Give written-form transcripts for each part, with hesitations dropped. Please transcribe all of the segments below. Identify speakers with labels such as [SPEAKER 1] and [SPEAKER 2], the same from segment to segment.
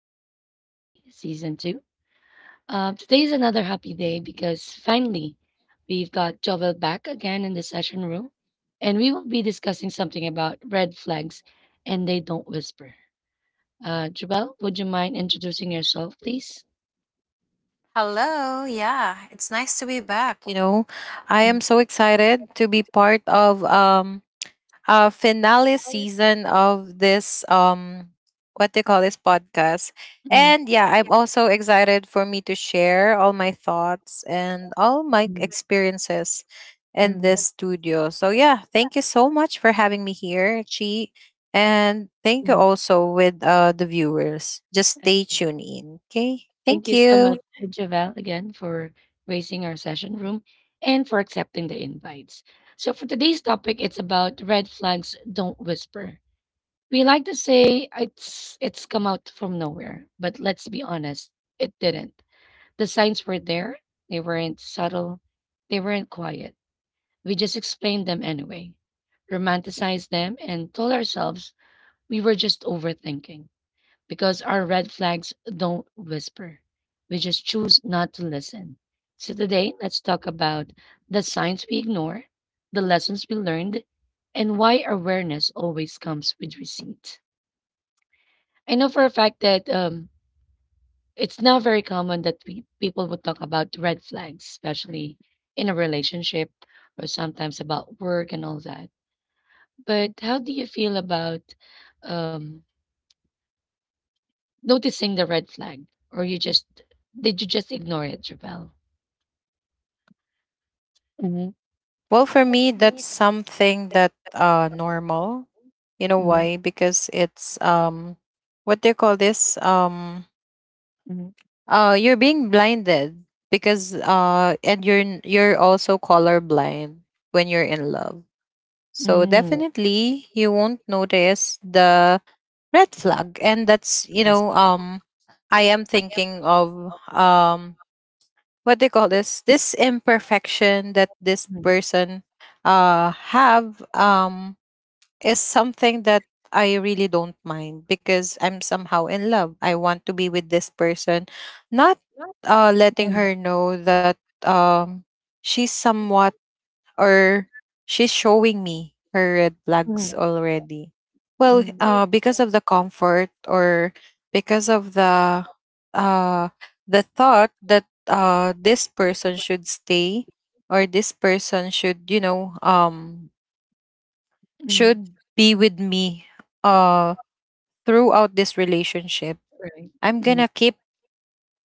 [SPEAKER 1] Daily Talk with G, Season 2. Today is another happy day because finally we've got Jovel back again in the session room, and we will be discussing something about red flags and they don't whisper. Jovel, would you mind introducing yourself, please?
[SPEAKER 2] Hello. Yeah, it's nice to be back. I am so excited to be part of a finale season of this what they call this podcast.
[SPEAKER 1] Mm,
[SPEAKER 2] And yeah, I'm also excited for me to share all my thoughts and all my experiences in
[SPEAKER 1] mm,
[SPEAKER 2] this studio. So yeah, thank you so much for having me here, Chi. And thank you
[SPEAKER 1] mm.
[SPEAKER 2] also with the viewers. Just
[SPEAKER 1] Uh,
[SPEAKER 2] stay tuned in. Okay?
[SPEAKER 1] Thank
[SPEAKER 2] Thank
[SPEAKER 1] you, so
[SPEAKER 2] you.
[SPEAKER 1] much, Javel, again for gracing our session room and for accepting the invites. So for today's topic, it's about red flags don't whisper. We like to say it's come out from nowhere, but let's be honest, it didn't. The signs were there, they weren't subtle, they weren't quiet. We just explained them anyway, romanticized them, and told ourselves we were just overthinking because our red flags don't whisper. We just choose not to listen. So today, let's talk about the signs we ignore, the lessons we learned, and why awareness always comes with receipt. I know for a fact that it's not very common that we, people would talk about red flags, especially in a relationship or sometimes about work and all that. But how do you feel about um, noticing the red flag, or you just did you just ignore it, Javel? Mm-hmm,
[SPEAKER 2] Well, for me, that's something that normal. You know
[SPEAKER 1] mm-hmm,
[SPEAKER 2] why? Because it's what do you call this?
[SPEAKER 1] mm-hmm,
[SPEAKER 2] You're being blinded, because and you're you're also colorblind when you're in love. So definitely you won't notice the red flag, and that's, I am thinking of, what they call this imperfection that this person have is something that I really don't mind, because I'm somehow in love. I want to be with this person, not letting
[SPEAKER 1] mm
[SPEAKER 2] her know that um she's somewhat, or she's showing me her red
[SPEAKER 1] mm
[SPEAKER 2] flags already. Well,
[SPEAKER 1] mm
[SPEAKER 2] because of the comfort, or because of uh, the thought that this person should stay, or this person should, you know,
[SPEAKER 1] mm,
[SPEAKER 2] should be with me uh, throughout this relationship,
[SPEAKER 1] right.
[SPEAKER 2] I'm
[SPEAKER 1] Mm-hmm,
[SPEAKER 2] gonna keep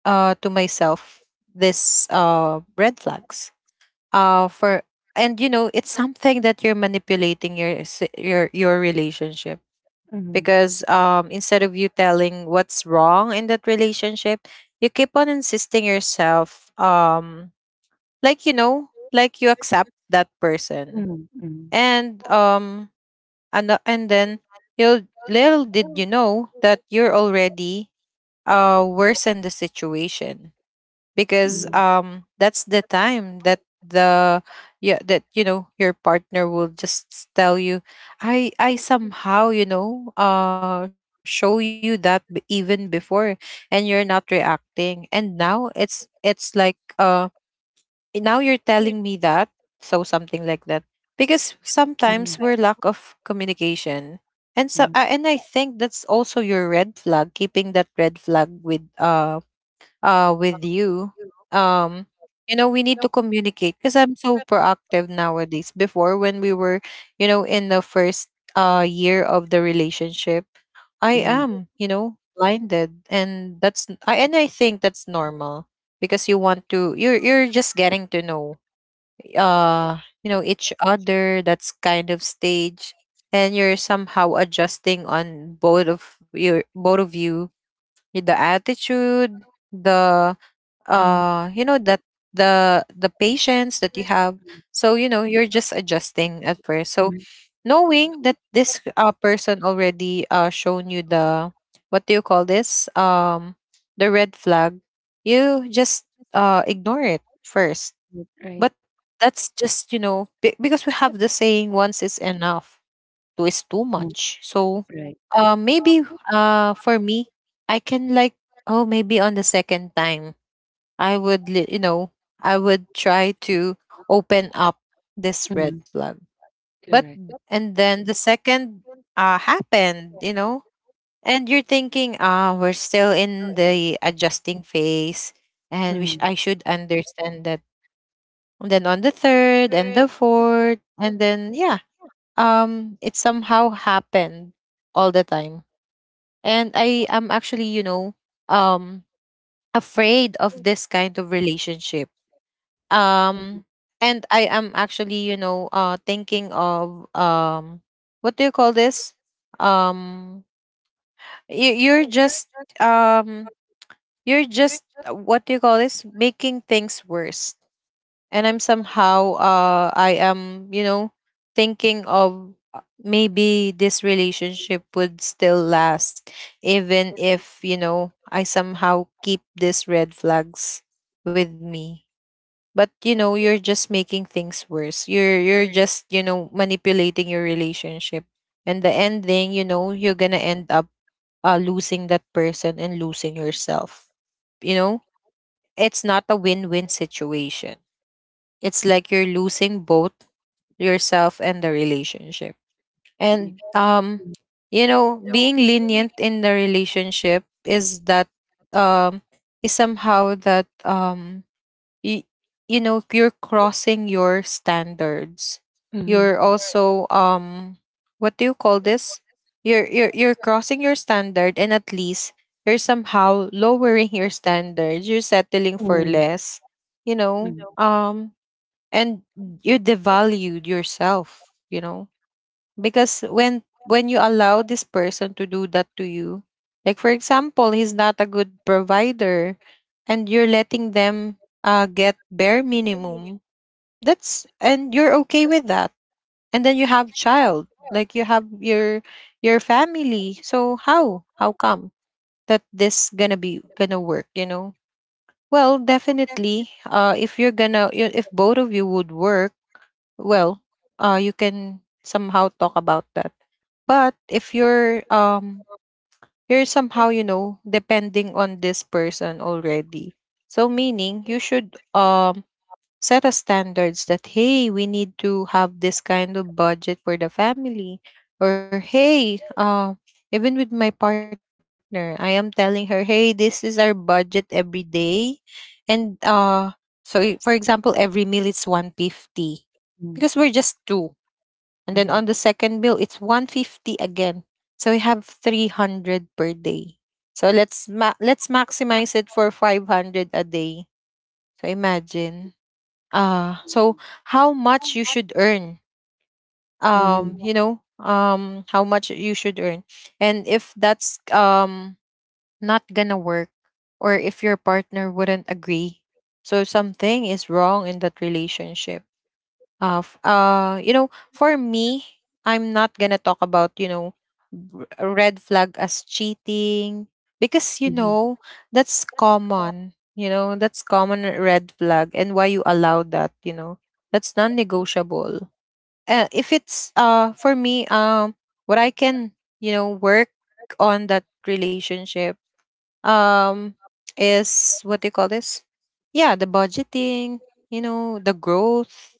[SPEAKER 2] to myself this red flags for. And you know it's something that you're manipulating your s- your relationship,
[SPEAKER 1] mm-hmm,
[SPEAKER 2] because instead of you telling what's wrong in that relationship, you keep on insisting yourself, like, you know, like you accept that person,
[SPEAKER 1] mm-hmm, mm-hmm,
[SPEAKER 2] and and then you, little did you know that you're already worsen the situation. Because that's the time that the, yeah, that, you know, your partner will just tell you, I somehow, you know, show you that, even before, and you're not reacting. And now it's like, uh "Eh, now you're telling me that," so something like that, because sometimes we're lack of communication. And so
[SPEAKER 1] mm,
[SPEAKER 2] and I think that's also your red flag, keeping that red flag with you. um you know, we need to communicate, because I'm so proactive nowadays. Before, when we were, you know, in the first year of the relationship, I
[SPEAKER 1] mm,
[SPEAKER 2] am, you know, blinded, and and I think that's normal, because you want to, you're just getting to know, you know, each other. That's kind of stage. And you're somehow adjusting on both of you, the attitude, the,
[SPEAKER 1] mm.
[SPEAKER 2] you know, that the patience that you have.
[SPEAKER 1] Mm,
[SPEAKER 2] So, you know, you're just adjusting at first. So, knowing that this person already shown you the, what do you call this, the red flag, you just ignore it first.
[SPEAKER 1] mm, right.
[SPEAKER 2] But that's just, you know, because we have the saying, once is enough, two is too
[SPEAKER 1] Mm,
[SPEAKER 2] much. So
[SPEAKER 1] right.
[SPEAKER 2] maybe for me, I can like, oh, maybe on the second time, I would, you know, I would try to open up this red flag. But,
[SPEAKER 1] Correct.
[SPEAKER 2] and then the second happened, you know, and you're thinking, ah, we're still in the adjusting phase, and
[SPEAKER 1] Mm,
[SPEAKER 2] I should understand that. And then on the third and the fourth, and then, yeah, it somehow happened all the time, and I am actually, you know, um afraid of this kind of relationship. um and I am actually, you know, thinking of, what do you call this, um you, you're just um you're just what do you call this, making things worse. And I'm somehow I am, you know, thinking of, maybe this relationship would still last, even if, you know, I somehow keep these red flags with me. But, you know, you're just making things worse. You're just, you know, manipulating your relationship. And the ending, you know, you're gonna end up losing that person and losing yourself. You know, it's not a win-win situation. It's like you're losing both yourself and the relationship. And
[SPEAKER 1] mm,
[SPEAKER 2] you know, being lenient in the relationship is that, um is somehow that, y- you know, you're crossing your standards. You're
[SPEAKER 1] mhm.
[SPEAKER 2] also, what do you call this? You're crossing your standard, and at least you're somehow lowering your standards. You're settling for less. You know, and you devalued yourself, you know, because when you allow this person to do that to you. Like, for example, he's not a good provider, and you're letting them get bare minimum, that's, and you're okay with that. And then you have child, like you have your family. So how come that this gonna be gonna work, you know. Well, definitely, if you're gonna, if both of you would work. Well, you can somehow talk about that. But if you're, you're somehow, you know, depending on this person already. So, meaning, you should set a standards that, hey, we need to have this kind of budget for the family. Or, hey, even with my partner, I am telling her, hey, this is our budget every day. And so, for example, every meal it's 150,
[SPEAKER 1] mm,
[SPEAKER 2] because we're just two. And then on
[SPEAKER 1] mhm,
[SPEAKER 2] the second bill it's 150 again. So we have 300 per day. So let's let's maximize it for 500 a day. So imagine, so how much you should earn,
[SPEAKER 1] mhm,
[SPEAKER 2] you know, how much you should earn. And if that's not gonna work, or if your partner wouldn't agree, so something is wrong in that relationship. You know, for me, I'm not gonna talk about, you know, a red flag as cheating. Because, you know, that's common. You know, that's common red flag, and why you allow that? You know, that's non-negotiable. If it's, for me, what I can, you know, work on that relationship, um is, what do you call this, yeah, the budgeting, you know, the growth.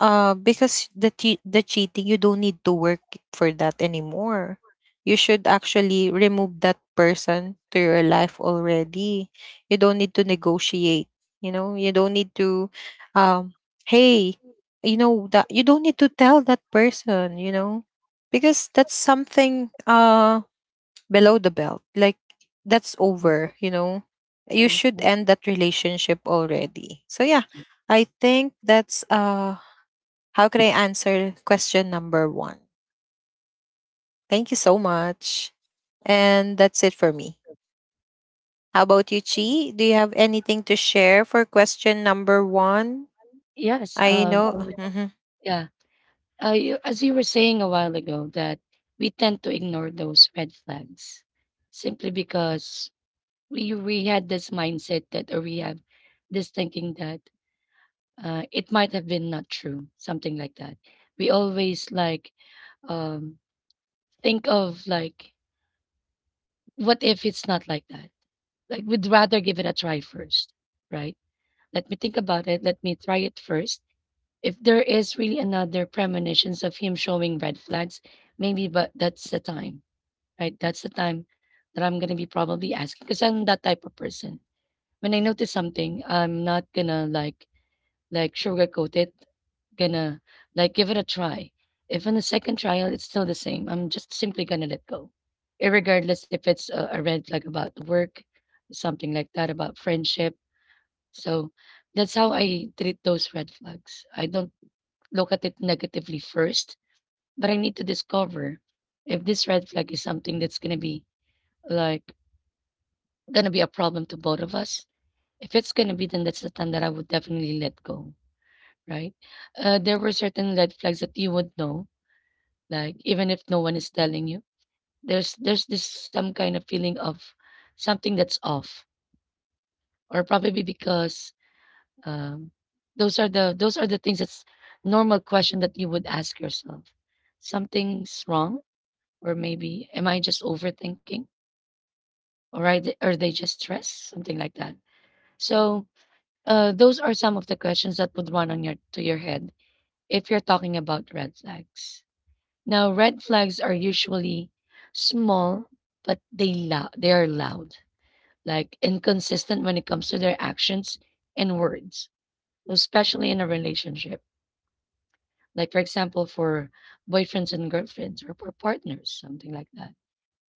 [SPEAKER 2] Because the cheating, you don't need to work for that anymore. You should actually remove that person to your life already. You don't need to negotiate. You know, you don't need to, um, hey, you know that you don't need to tell that person. You know, because that's something below the belt. Like, that's over. You know, you
[SPEAKER 1] Right.
[SPEAKER 2] should end that relationship already. So, yeah, I think that's how can I answer question number one? Thank you so much. And that's it for me. How about you, Chi? Do you have anything to share for question number one?
[SPEAKER 1] Yes.
[SPEAKER 2] I know.
[SPEAKER 1] Yeah. As you were saying a while ago, that we tend to ignore those red flags simply because we had this mindset that, or we have this thinking that it might have been not true, something like that. We always like um think of like what if it's not like that, like we'd rather give it a try first, right? Let me think about it, let me try it first. If there is really another premonitions of him showing red flags, maybe, but that's the time, right? That's the time that I'm gonna be probably asking because I'm that type of person. When I notice something, I'm not gonna like sugarcoat it, gonna like give it a try. If in the second trial it's still the same, I'm just simply gonna let go, irregardless if it's a red flag about work, something like that about friendship. So that's how I treat those red flags. I don't look at it negatively first, but I need to discover if this red flag is something that's gonna be, like, gonna be a problem to both of us. If it's gonna be, then that's the time that I would definitely let go. Right? There were certain red flags that you would know, like even if no one is telling you, there's this some kind of feeling of something that's off, or probably because um, those are the things that's normal question that you would ask yourself. Something's wrong, or maybe am I just overthinking, or I, are they just stressed, something like that. So those are some of the questions that would run on your to your head if you're talking about red flags. Now, red flags are usually small, but they are loud, like inconsistent when it comes to their actions and words, especially in a relationship. Like for example, for boyfriends and girlfriends or for partners, something like that.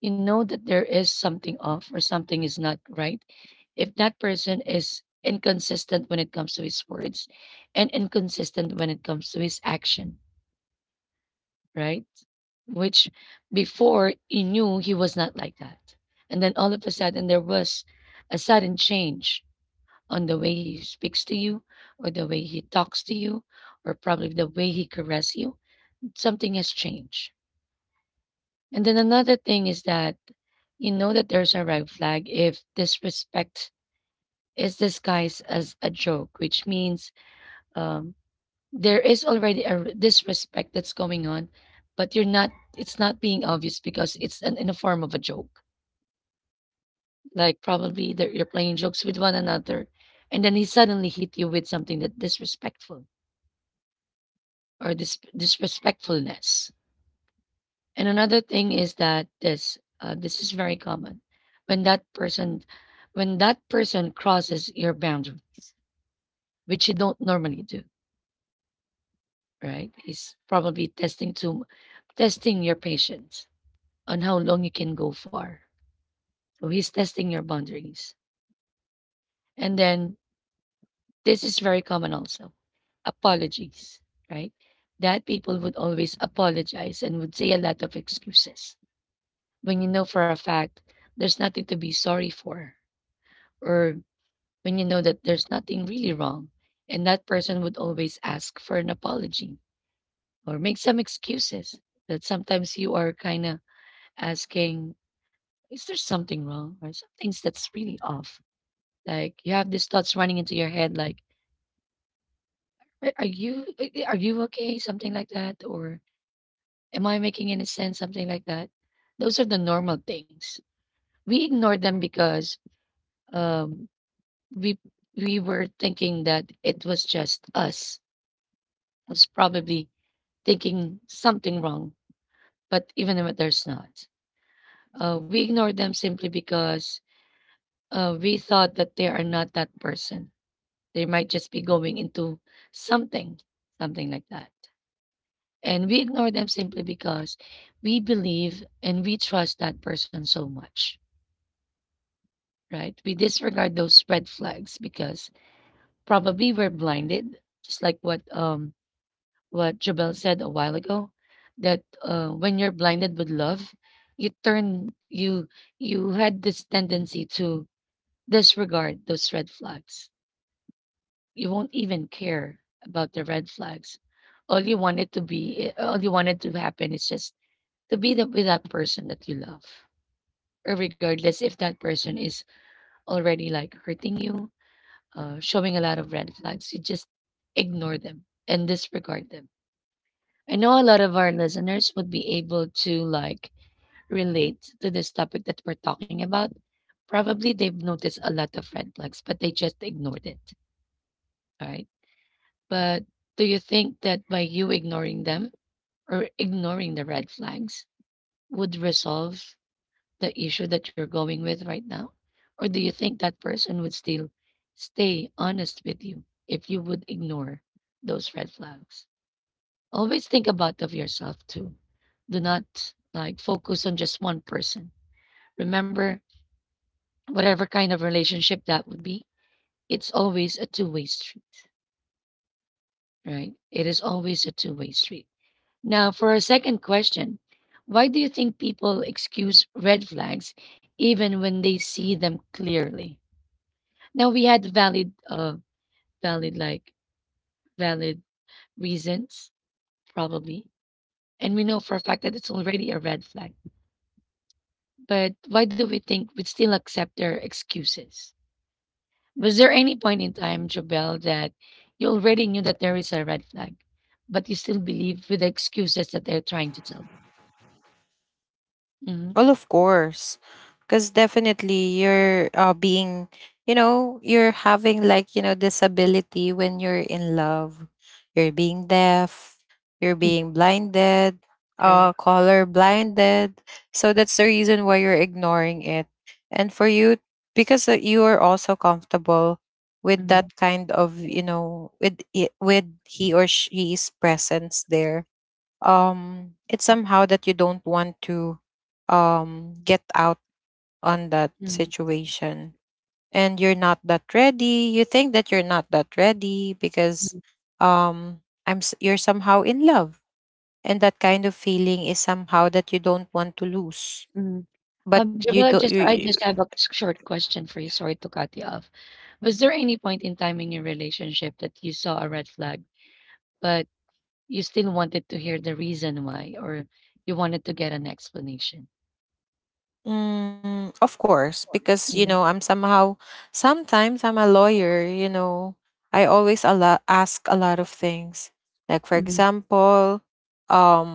[SPEAKER 1] You know that there is something off or something is not right if that person is inconsistent when it comes to his words and inconsistent when it comes to his action, right? Which before he knew he was not like that. And then all of a sudden, there was a sudden change on the way he speaks to you, or the way he talks to you, or probably the way he caresses you. Something has changed. And then another thing is that you know that there's a red flag if disrespect is disguised as a joke, which means um, there is already disrespect that's going on, but you're not. It's not being obvious because it's an, in a form of a joke. Like probably they're, you're playing jokes with one another, and then he suddenly hit you with something that disrespectful or disrespectfulness. And another thing is that this is very common when that person when that person crosses your boundaries, which you don't normally do. Right? He's probably testing your patience on how long you can go far. So he's testing your boundaries. And then this is very common also apologies, right? That people would always apologize and would say a lot of excuses when you know for a fact there's nothing to be sorry for, or when you know that there's nothing really wrong. And that person would always ask for an apology or make some excuses that sometimes you are kind of asking, is there something wrong or something that's really off? Like you have these thoughts running into your head, like, " are you okay?" Something like that, or "Am I making any sense?" Something like that. Those are the normal things. We ignore them because um, we we were thinking that it was just us. Was probably thinking something wrong, but even if there's not, we ignore them simply because we thought that they are not that person. They might just be going into something, something like that. And we ignore them simply because we believe and we trust that person so much, right? We disregard those red flags because probably we're blinded, just like what Jabel said a while ago, that when you're blinded with love, you turn you you had this tendency to disregard those red flags. You won't even care about the red flags. All you wanted to be, all you wanted to happen is just to be the, with that person that you love, or regardless if that person is already like hurting you, showing a lot of red flags, you just ignore them and disregard them. I know a lot of our listeners would be able to like relate to this topic that we're talking about. Probably they've noticed a lot of red flags, but they just ignored it. All right. But do you think that by you ignoring them or ignoring the red flags would resolve the issue that you're going with right now? Or do you think that person would still stay honest with you if you would ignore those red flags? Always think about of yourself too. Do not like focus on just one person. Remember, whatever kind of relationship that would be, it's always a two-way street, right? It is always a two-way street. Now, for our second question, why do you think people excuse red flags even when they see them clearly? No, we had valid, like, valid reasons, probably. And we know for a fact that it's already a red flag. But why do we think we'd still accept their excuses? Was there any point in time, Jobel, that you already knew that there is a red flag, but you still believe with the excuses that they're trying to tell you? hmm
[SPEAKER 2] Well, of course, because definitely you're, being, you know, you're having, like, you know, disability when you're in love. You're being deaf, you're being blinded,
[SPEAKER 1] Correct.
[SPEAKER 2] color blinded. So that's the reason why you're ignoring it. And for you, because you are also comfortable with
[SPEAKER 1] Mm,
[SPEAKER 2] that kind of, you know, with with he or she's presence there. It's somehow that you don't want to get out on that situation, and you're not that ready. You think that you're not that ready because,
[SPEAKER 1] mm,
[SPEAKER 2] um you're somehow in love, and that kind of feeling is somehow that you don't want to lose.
[SPEAKER 1] mm.
[SPEAKER 2] But you
[SPEAKER 1] Jobel,
[SPEAKER 2] don't
[SPEAKER 1] just I
[SPEAKER 2] you...
[SPEAKER 1] just have a short question for you. Sorry to cut you off. Was there any point in time in your relationship that you saw a red flag, but you still wanted to hear the reason why, or you wanted to get an explanation?
[SPEAKER 2] Mm, of course, because, you know, I'm somehow sometimes I'm a lawyer, you know. I always a lot ask a lot of things. Like, for
[SPEAKER 1] Mm, mhm,
[SPEAKER 2] example, um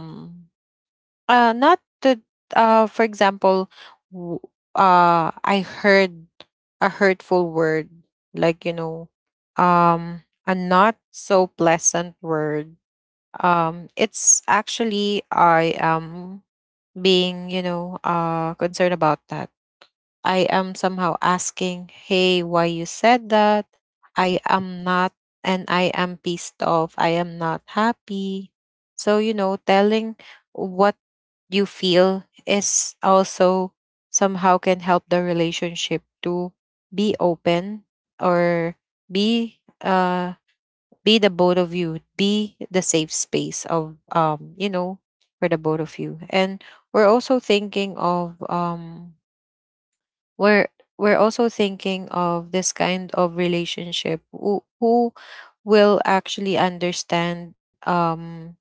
[SPEAKER 2] not that. For example, w- I heard a hurtful word, like, you know, um, a not so pleasant word. It's actually I am being, you know, concerned about that. I am somehow asking, hey, why you said that? I am not, and I am pissed off. I am not happy. So, you know, telling what you feel is also somehow can help the relationship to be open, or be, be the both of you, be the safe space of, you know, for the both of you. And we're also thinking of, we're we're also thinking of this kind of relationship, who will actually understand,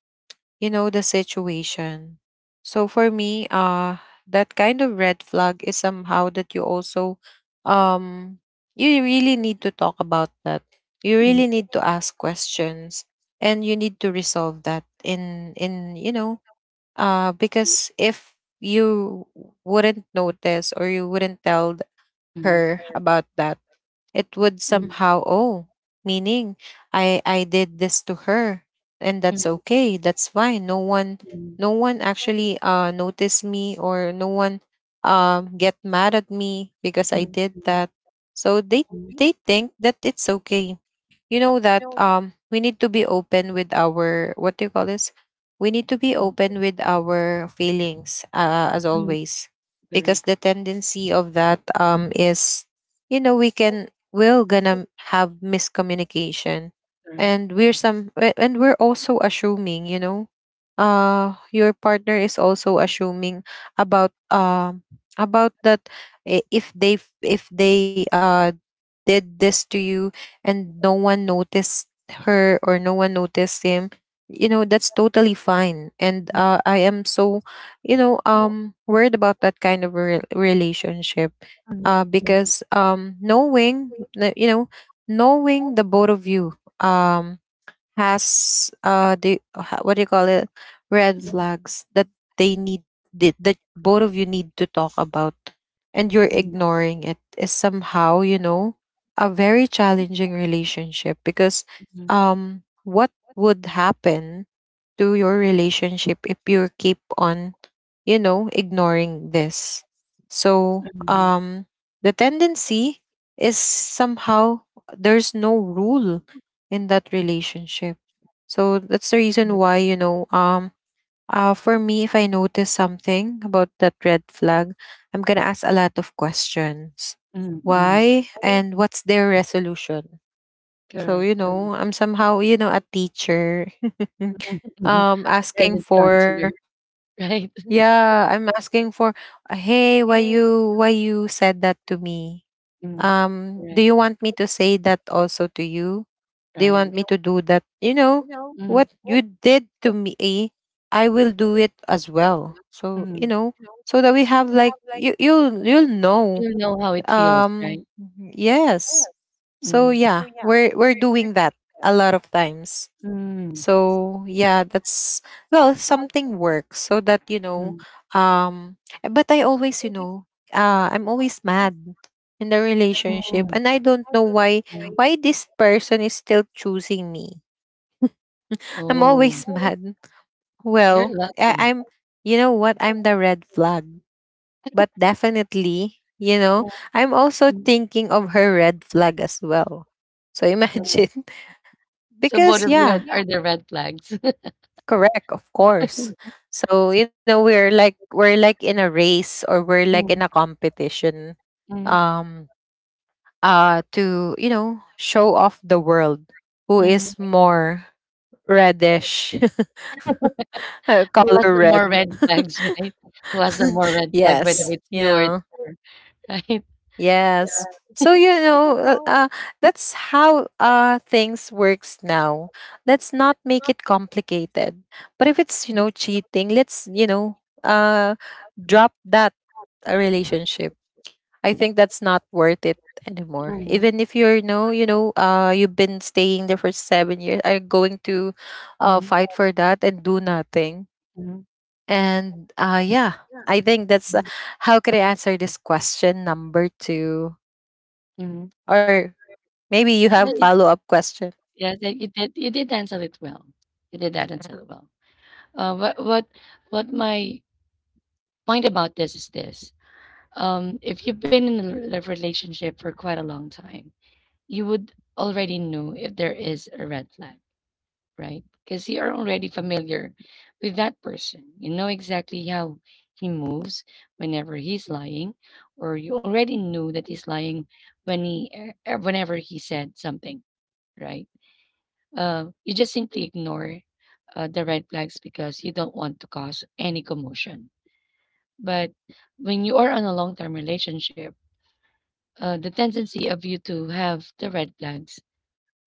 [SPEAKER 2] you know, the situation. So for me, that kind of red flag is somehow that you also, um you really need to talk about that. You
[SPEAKER 1] you
[SPEAKER 2] really need to ask questions, and you need to resolve that in you know because if you wouldn't notice, or you wouldn't tell
[SPEAKER 1] mm,
[SPEAKER 2] her about that, it would
[SPEAKER 1] really
[SPEAKER 2] somehow, oh, meaning, I did this to her, and
[SPEAKER 1] mm,
[SPEAKER 2] that's okay. That's fine. No one,
[SPEAKER 1] mm,
[SPEAKER 2] no one actually noticed me, or no one get mad at me because
[SPEAKER 1] mm,
[SPEAKER 2] I
[SPEAKER 1] mm,
[SPEAKER 2] did
[SPEAKER 1] mm,
[SPEAKER 2] that. So they think that it's okay, you know that we need to be open with our — what do you call this — we need to be
[SPEAKER 1] mm,
[SPEAKER 2] open with our feelings, as
[SPEAKER 1] mm.
[SPEAKER 2] always, because
[SPEAKER 1] Correct,
[SPEAKER 2] the tendency of that is, you know, we're gonna have miscommunication.
[SPEAKER 1] correct.
[SPEAKER 2] And and we're also assuming, you know, your partner is also assuming about um about that. If they if they did this to you and no one noticed her or no one noticed him, you know, that's totally fine. And
[SPEAKER 1] Mm,
[SPEAKER 2] I am so, you know, worried about that kind of a relationship,
[SPEAKER 1] mm,
[SPEAKER 2] because knowing that, you know, knowing the both of you, has what do you call it — red
[SPEAKER 1] mm,
[SPEAKER 2] flags that they need, that both of you need to talk about, and you're
[SPEAKER 1] mm, mm,
[SPEAKER 2] ignoring it is somehow, you know, a very challenging relationship. Because, what would happen to your relationship if you keep on, you know, ignoring this? So,
[SPEAKER 1] mm,
[SPEAKER 2] the tendency is somehow there's no rule in that relationship. So that's the reason why, you know, for me, if I notice something about that red flag, I'm gonna ask a lot of questions.
[SPEAKER 1] mm, mm.
[SPEAKER 2] Why, and what's their resolution? So,
[SPEAKER 1] Correct,
[SPEAKER 2] you know,
[SPEAKER 1] correct.
[SPEAKER 2] I'm somehow, you know, a teacher. Mm.
[SPEAKER 1] Mhm.
[SPEAKER 2] Asking
[SPEAKER 1] Guidance
[SPEAKER 2] for —
[SPEAKER 1] counselor, right?
[SPEAKER 2] yeah, I'm asking for, hey, why you said that to me,
[SPEAKER 1] Mm,
[SPEAKER 2] do
[SPEAKER 1] Correct,
[SPEAKER 2] you want me to say that also to you, do you want
[SPEAKER 1] right.
[SPEAKER 2] me to do that, you know,
[SPEAKER 1] Mm,
[SPEAKER 2] what you did to me? Eh, I will do it as well, so, you
[SPEAKER 1] mm.
[SPEAKER 2] know, so that we have like — you'll you'll know.
[SPEAKER 1] You know how it feels, right?
[SPEAKER 2] um yes. So
[SPEAKER 1] Mhm.
[SPEAKER 2] yeah, we're doing that a lot of times.
[SPEAKER 1] Mm,
[SPEAKER 2] So yeah, that's — well, something works, so that you know.
[SPEAKER 1] mm,
[SPEAKER 2] But I always, you know, I'm always mad in the
[SPEAKER 1] mm,
[SPEAKER 2] relationship,
[SPEAKER 1] mm.
[SPEAKER 2] and I don't know why — why this person is still choosing me. I'm
[SPEAKER 1] Oh,
[SPEAKER 2] always mad.
[SPEAKER 1] you're
[SPEAKER 2] Well, I,
[SPEAKER 1] lucky.
[SPEAKER 2] I'm, you know what? I'm the red flag, but definitely, you know, I'm also
[SPEAKER 1] Mm.
[SPEAKER 2] thinking of her red flag as well. So imagine
[SPEAKER 1] So both
[SPEAKER 2] because
[SPEAKER 1] of you had
[SPEAKER 2] yeah,
[SPEAKER 1] are the red flags.
[SPEAKER 2] correct, of course. So, you know, we're like in a race, or we're
[SPEAKER 1] Mm,
[SPEAKER 2] like in
[SPEAKER 1] mm,
[SPEAKER 2] a competition,
[SPEAKER 1] mm.
[SPEAKER 2] um to, you know, show off the world who
[SPEAKER 1] mm.
[SPEAKER 2] is more reddish
[SPEAKER 1] Who
[SPEAKER 2] color
[SPEAKER 1] has the more
[SPEAKER 2] red.
[SPEAKER 1] red flags, right? Who has the more red flag, whether
[SPEAKER 2] Yes,
[SPEAKER 1] it's
[SPEAKER 2] you
[SPEAKER 1] you or it's
[SPEAKER 2] know.
[SPEAKER 1] her, right?
[SPEAKER 2] Yes. So you know, that's how things works now. Let's not make it complicated. But if it's, you know, cheating, let's, you know, drop that relationship. I think that's not worth it anymore.
[SPEAKER 1] Mm,
[SPEAKER 2] Even if you're, you know, you've been staying there for 7 years, are going to
[SPEAKER 1] mm,
[SPEAKER 2] fight for that and do nothing.
[SPEAKER 1] mm,
[SPEAKER 2] And yeah, I think that's
[SPEAKER 1] mm,
[SPEAKER 2] how can I answer this question number two?
[SPEAKER 1] mm.
[SPEAKER 2] Or maybe you have follow-up question.
[SPEAKER 1] Yes, and you did. You did answer it well. You did that answer it well. Uh, what what what my point about this is this. If you've been in a relationship for quite a long time, you would already know if there is a red flag, right? Because you are already familiar with that person. You know exactly how he moves whenever he's lying, or you already knew that he's lying when he, whenever he said something, right? You just simply ignore the red flags because you don't want to cause any commotion. But when you are on a long-term relationship, the tendency of you to have the red flags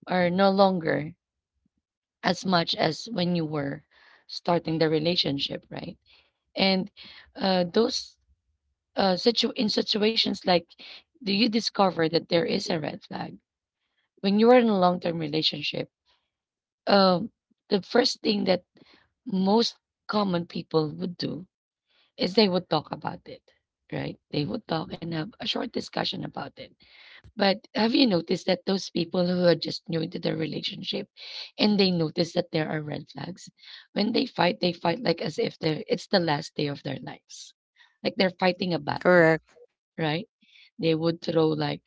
[SPEAKER 1] are no longer as much as when you were starting the relationship, right? And uh, those in situations like, do you discover that there is a red flag when you are in a long-term relationship? Um, the first thing that most common people would do is they would talk about it, right? They would talk and have a short discussion about it. But have you noticed that those people who are just new into their relationship and they notice that there are red flags, when they fight like as if they're it's the last day of their lives. Like they're fighting a battle,
[SPEAKER 2] Correct.
[SPEAKER 1] right? They would throw like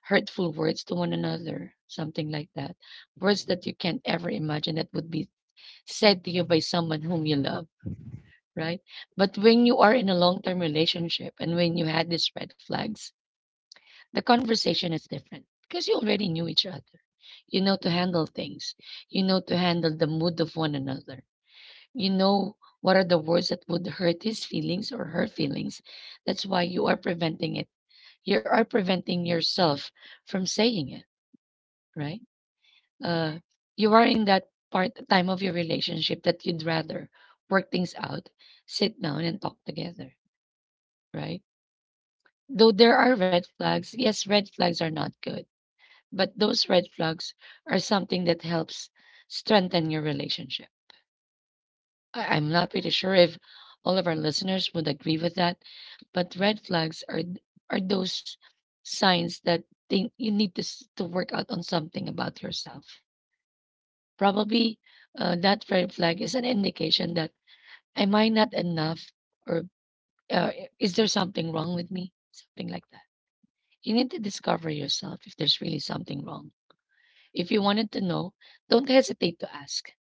[SPEAKER 1] hurtful words to one another, something like that. Words that you can't ever imagine that would be said to you by someone whom you love, right? But when you are in a long term relationship and when you had these red flags, the conversation is different because you already knew each other. You know to handle things. You know to handle the mood of one another. You know what are the words that would hurt his feelings or her feelings. That's why you are preventing it. You are preventing yourself from saying it, right? Uh, you are in that part time of your relationship that you'd rather work things out, sit down and talk together, right? Though there are red flags, yes, red flags are not good. But those red flags are something that helps strengthen your relationship. I'm not pretty sure if all of our listeners would agree with that, but red flags are those signs that think you need to to work out on something about yourself. Probably that red flag is an indication that am I not enough or uh, is there something wrong with me? Something like that. You need to discover yourself if there's really something wrong. If you wanted to know, don't hesitate to ask.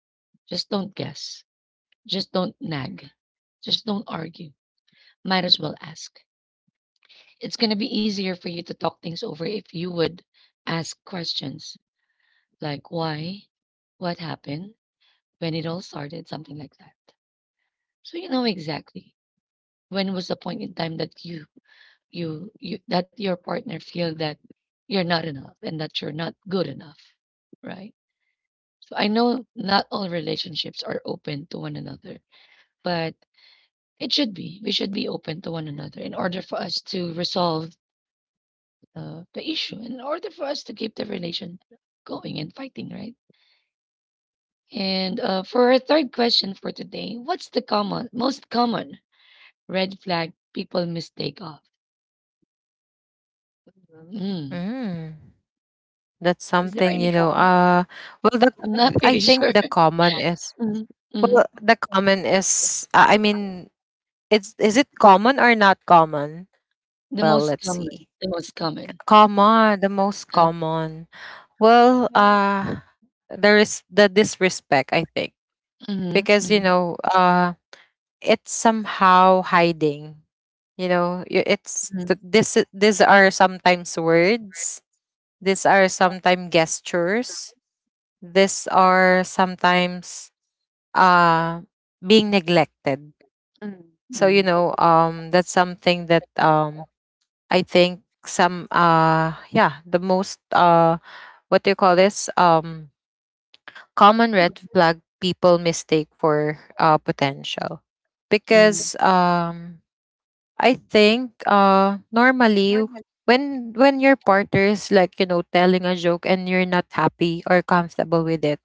[SPEAKER 1] Just don't guess. Just don't nag. Just don't argue. Might as well ask. It's going to be easier for you to talk things over if you would ask questions like why, what happened, when it all started, something like that. So you know exactly when was the point in time that you that your partner feel that you're not enough and that you're not good enough, right? I know not all relationships are open to one another, but it should be. We should be open to one another in order for us to resolve the issue, in order for us to keep the relation going and fighting, right? And for our third question for today, what's the common, most common red flag people mistake of? Mhm. Mm.
[SPEAKER 2] Mm. That's
[SPEAKER 1] Is
[SPEAKER 2] something,
[SPEAKER 1] there
[SPEAKER 2] you
[SPEAKER 1] any
[SPEAKER 2] know.
[SPEAKER 1] common?
[SPEAKER 2] Well the
[SPEAKER 1] I'm not
[SPEAKER 2] I
[SPEAKER 1] pretty
[SPEAKER 2] think the
[SPEAKER 1] sure.
[SPEAKER 2] common is
[SPEAKER 1] Mhm, mhm.
[SPEAKER 2] well the common is, I mean, it's — is it common or not common?
[SPEAKER 1] The
[SPEAKER 2] Well,
[SPEAKER 1] most
[SPEAKER 2] let's
[SPEAKER 1] common,
[SPEAKER 2] see.
[SPEAKER 1] the most common.
[SPEAKER 2] Common, the most
[SPEAKER 1] Uh,
[SPEAKER 2] common. Well, there is the disrespect, I think.
[SPEAKER 1] mhm,
[SPEAKER 2] Because, you
[SPEAKER 1] mhm,
[SPEAKER 2] know, it's somehow hiding. You know, this — these are sometimes words, these are sometimes gestures, these are sometimes uh, being neglected.
[SPEAKER 1] mhm,
[SPEAKER 2] So you
[SPEAKER 1] mhm,
[SPEAKER 2] know, that's something that, I think some, yeah, the most what do you call this, common red flag people mistake for potential,
[SPEAKER 1] mhm,
[SPEAKER 2] because I think, normally, when your partner is like, you know, telling a joke and you're not happy or comfortable with it,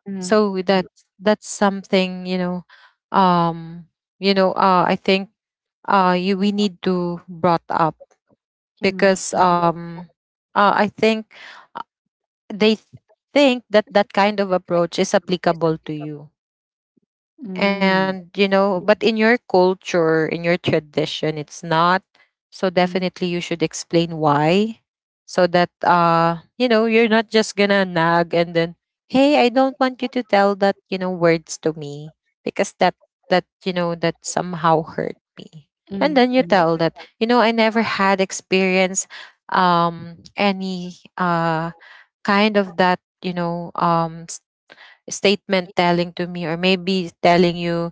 [SPEAKER 1] mhm.
[SPEAKER 2] so that — that's something, you know, um you know, I think, you — we need to brought up,
[SPEAKER 1] Mhm.
[SPEAKER 2] because
[SPEAKER 1] Mhm.
[SPEAKER 2] I think, uh, they think that that kind of approach is applicable to you,
[SPEAKER 1] Mhm.
[SPEAKER 2] and, you know, but in your culture, in your tradition, it's not. So
[SPEAKER 1] Mhm.
[SPEAKER 2] definitely you should explain why, so that, you know, you're not just gonna nag, and then, hey, I don't want you to tell that, you know, words to me, because that — that, you know, that somehow hurt me. And
[SPEAKER 1] Mhm.
[SPEAKER 2] then you
[SPEAKER 1] Mhm.
[SPEAKER 2] tell that, you know, I never had experience, any kind of that, you know, statement telling to me, or maybe telling you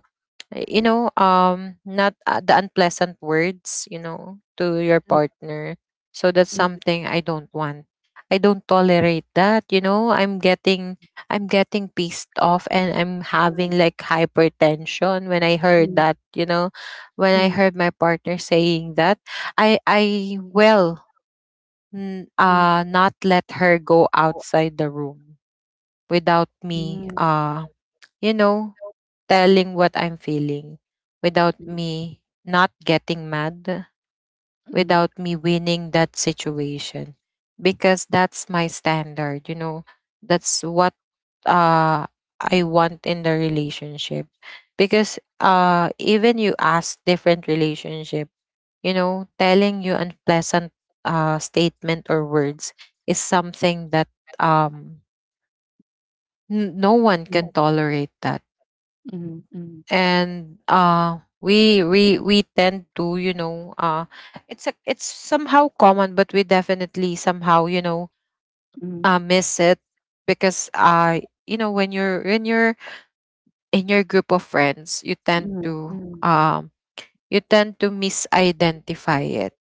[SPEAKER 2] you know, not the unpleasant words, you know, to your partner. So that's
[SPEAKER 1] Mhm.
[SPEAKER 2] something I don't want. I don't tolerate that, you know. I'm getting pissed off, and I'm having like hypertension when I heard that, you know, when I
[SPEAKER 1] Mhm.
[SPEAKER 2] heard my partner saying that. I will not let her go outside the room without me,
[SPEAKER 1] Mhm.
[SPEAKER 2] you know, telling what I'm feeling, without me not getting mad,
[SPEAKER 1] Mhm.
[SPEAKER 2] without me winning that situation. Because that's my standard, you know, that's what uh, I want in the relationship. Because, even you ask different relationship, you know, telling you unpleasant, statement or words is something that, um, no one
[SPEAKER 1] Mhm.
[SPEAKER 2] can tolerate that.
[SPEAKER 1] Mhm. Mhm.
[SPEAKER 2] And uh, we tend to, you know, it's a — it's somehow common, but we definitely somehow, you know,
[SPEAKER 1] Mhm.
[SPEAKER 2] miss it, because you know, when you're — when you're in your group of friends,
[SPEAKER 1] Mhm. Mhm.
[SPEAKER 2] um you tend to misidentify it,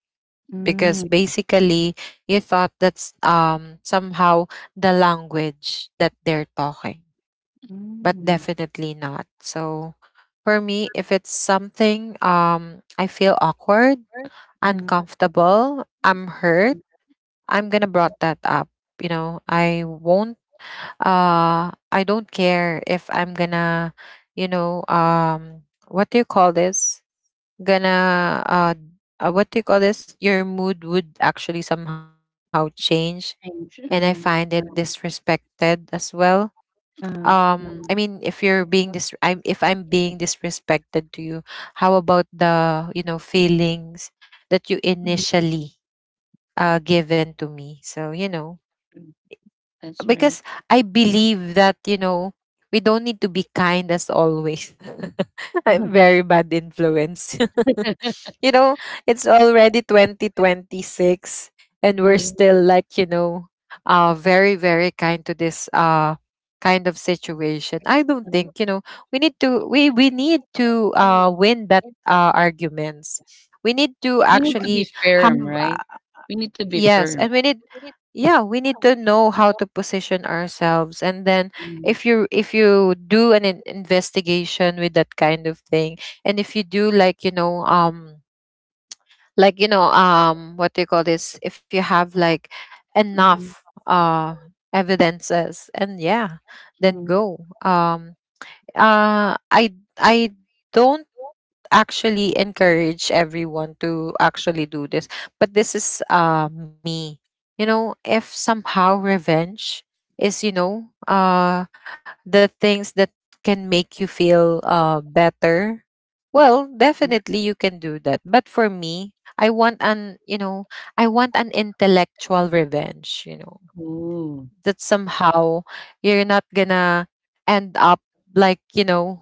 [SPEAKER 1] Mhm.
[SPEAKER 2] because
[SPEAKER 1] Mhm.
[SPEAKER 2] basically you thought that's, somehow, the language that they're talking. But
[SPEAKER 1] Mhm.
[SPEAKER 2] definitely not. So for me, if it's something, I feel awkward,
[SPEAKER 1] Mhm.
[SPEAKER 2] uncomfortable, I'm hurt, I'm gonna brought that up. You know, I won't I don't care if I'm gonna, you know, what do you call this? Gonna what do you call this? Your mood would actually somehow change, and I
[SPEAKER 1] Change.
[SPEAKER 2] find it
[SPEAKER 1] Mhm. Uh,
[SPEAKER 2] disrespected as well.
[SPEAKER 1] uh, mhm.
[SPEAKER 2] I'm — if I'm being disrespected to you, how about the, you know, feelings that you
[SPEAKER 1] Mhm.
[SPEAKER 2] initially given to me? So, you know,
[SPEAKER 1] That's right.
[SPEAKER 2] because I believe that, you know, we don't need to be kind as always. I'm
[SPEAKER 1] Mhm.
[SPEAKER 2] very bad influence You know, it's already 2026 and we're
[SPEAKER 1] Mhm.
[SPEAKER 2] still like, you know, very very kind to this kind of situation. I don't think, you know, we need to win that arguments. We need to
[SPEAKER 1] To be
[SPEAKER 2] actually have,
[SPEAKER 1] firm. We
[SPEAKER 2] uh,
[SPEAKER 1] need to be
[SPEAKER 2] yes,
[SPEAKER 1] firm.
[SPEAKER 2] and we need — yeah, we need to know how to position ourselves, and then,
[SPEAKER 1] Mhm.
[SPEAKER 2] if you — if you do an investigation with that kind of thing, and if you do like, you know, like, you know, what do you call this, if you have like enough
[SPEAKER 1] Mhm.
[SPEAKER 2] evidences, and yeah, then
[SPEAKER 1] Mhm.
[SPEAKER 2] go. um uh i I don't actually encourage everyone to actually do this. But this is me. You know, if somehow revenge is, you know, the things that can make you feel better, well,
[SPEAKER 1] Mhm.
[SPEAKER 2] definitely you can do that. But for me, I want an, you know, I want an intellectual revenge, you know,
[SPEAKER 1] Oh,
[SPEAKER 2] that somehow you're not gonna end up like, you know,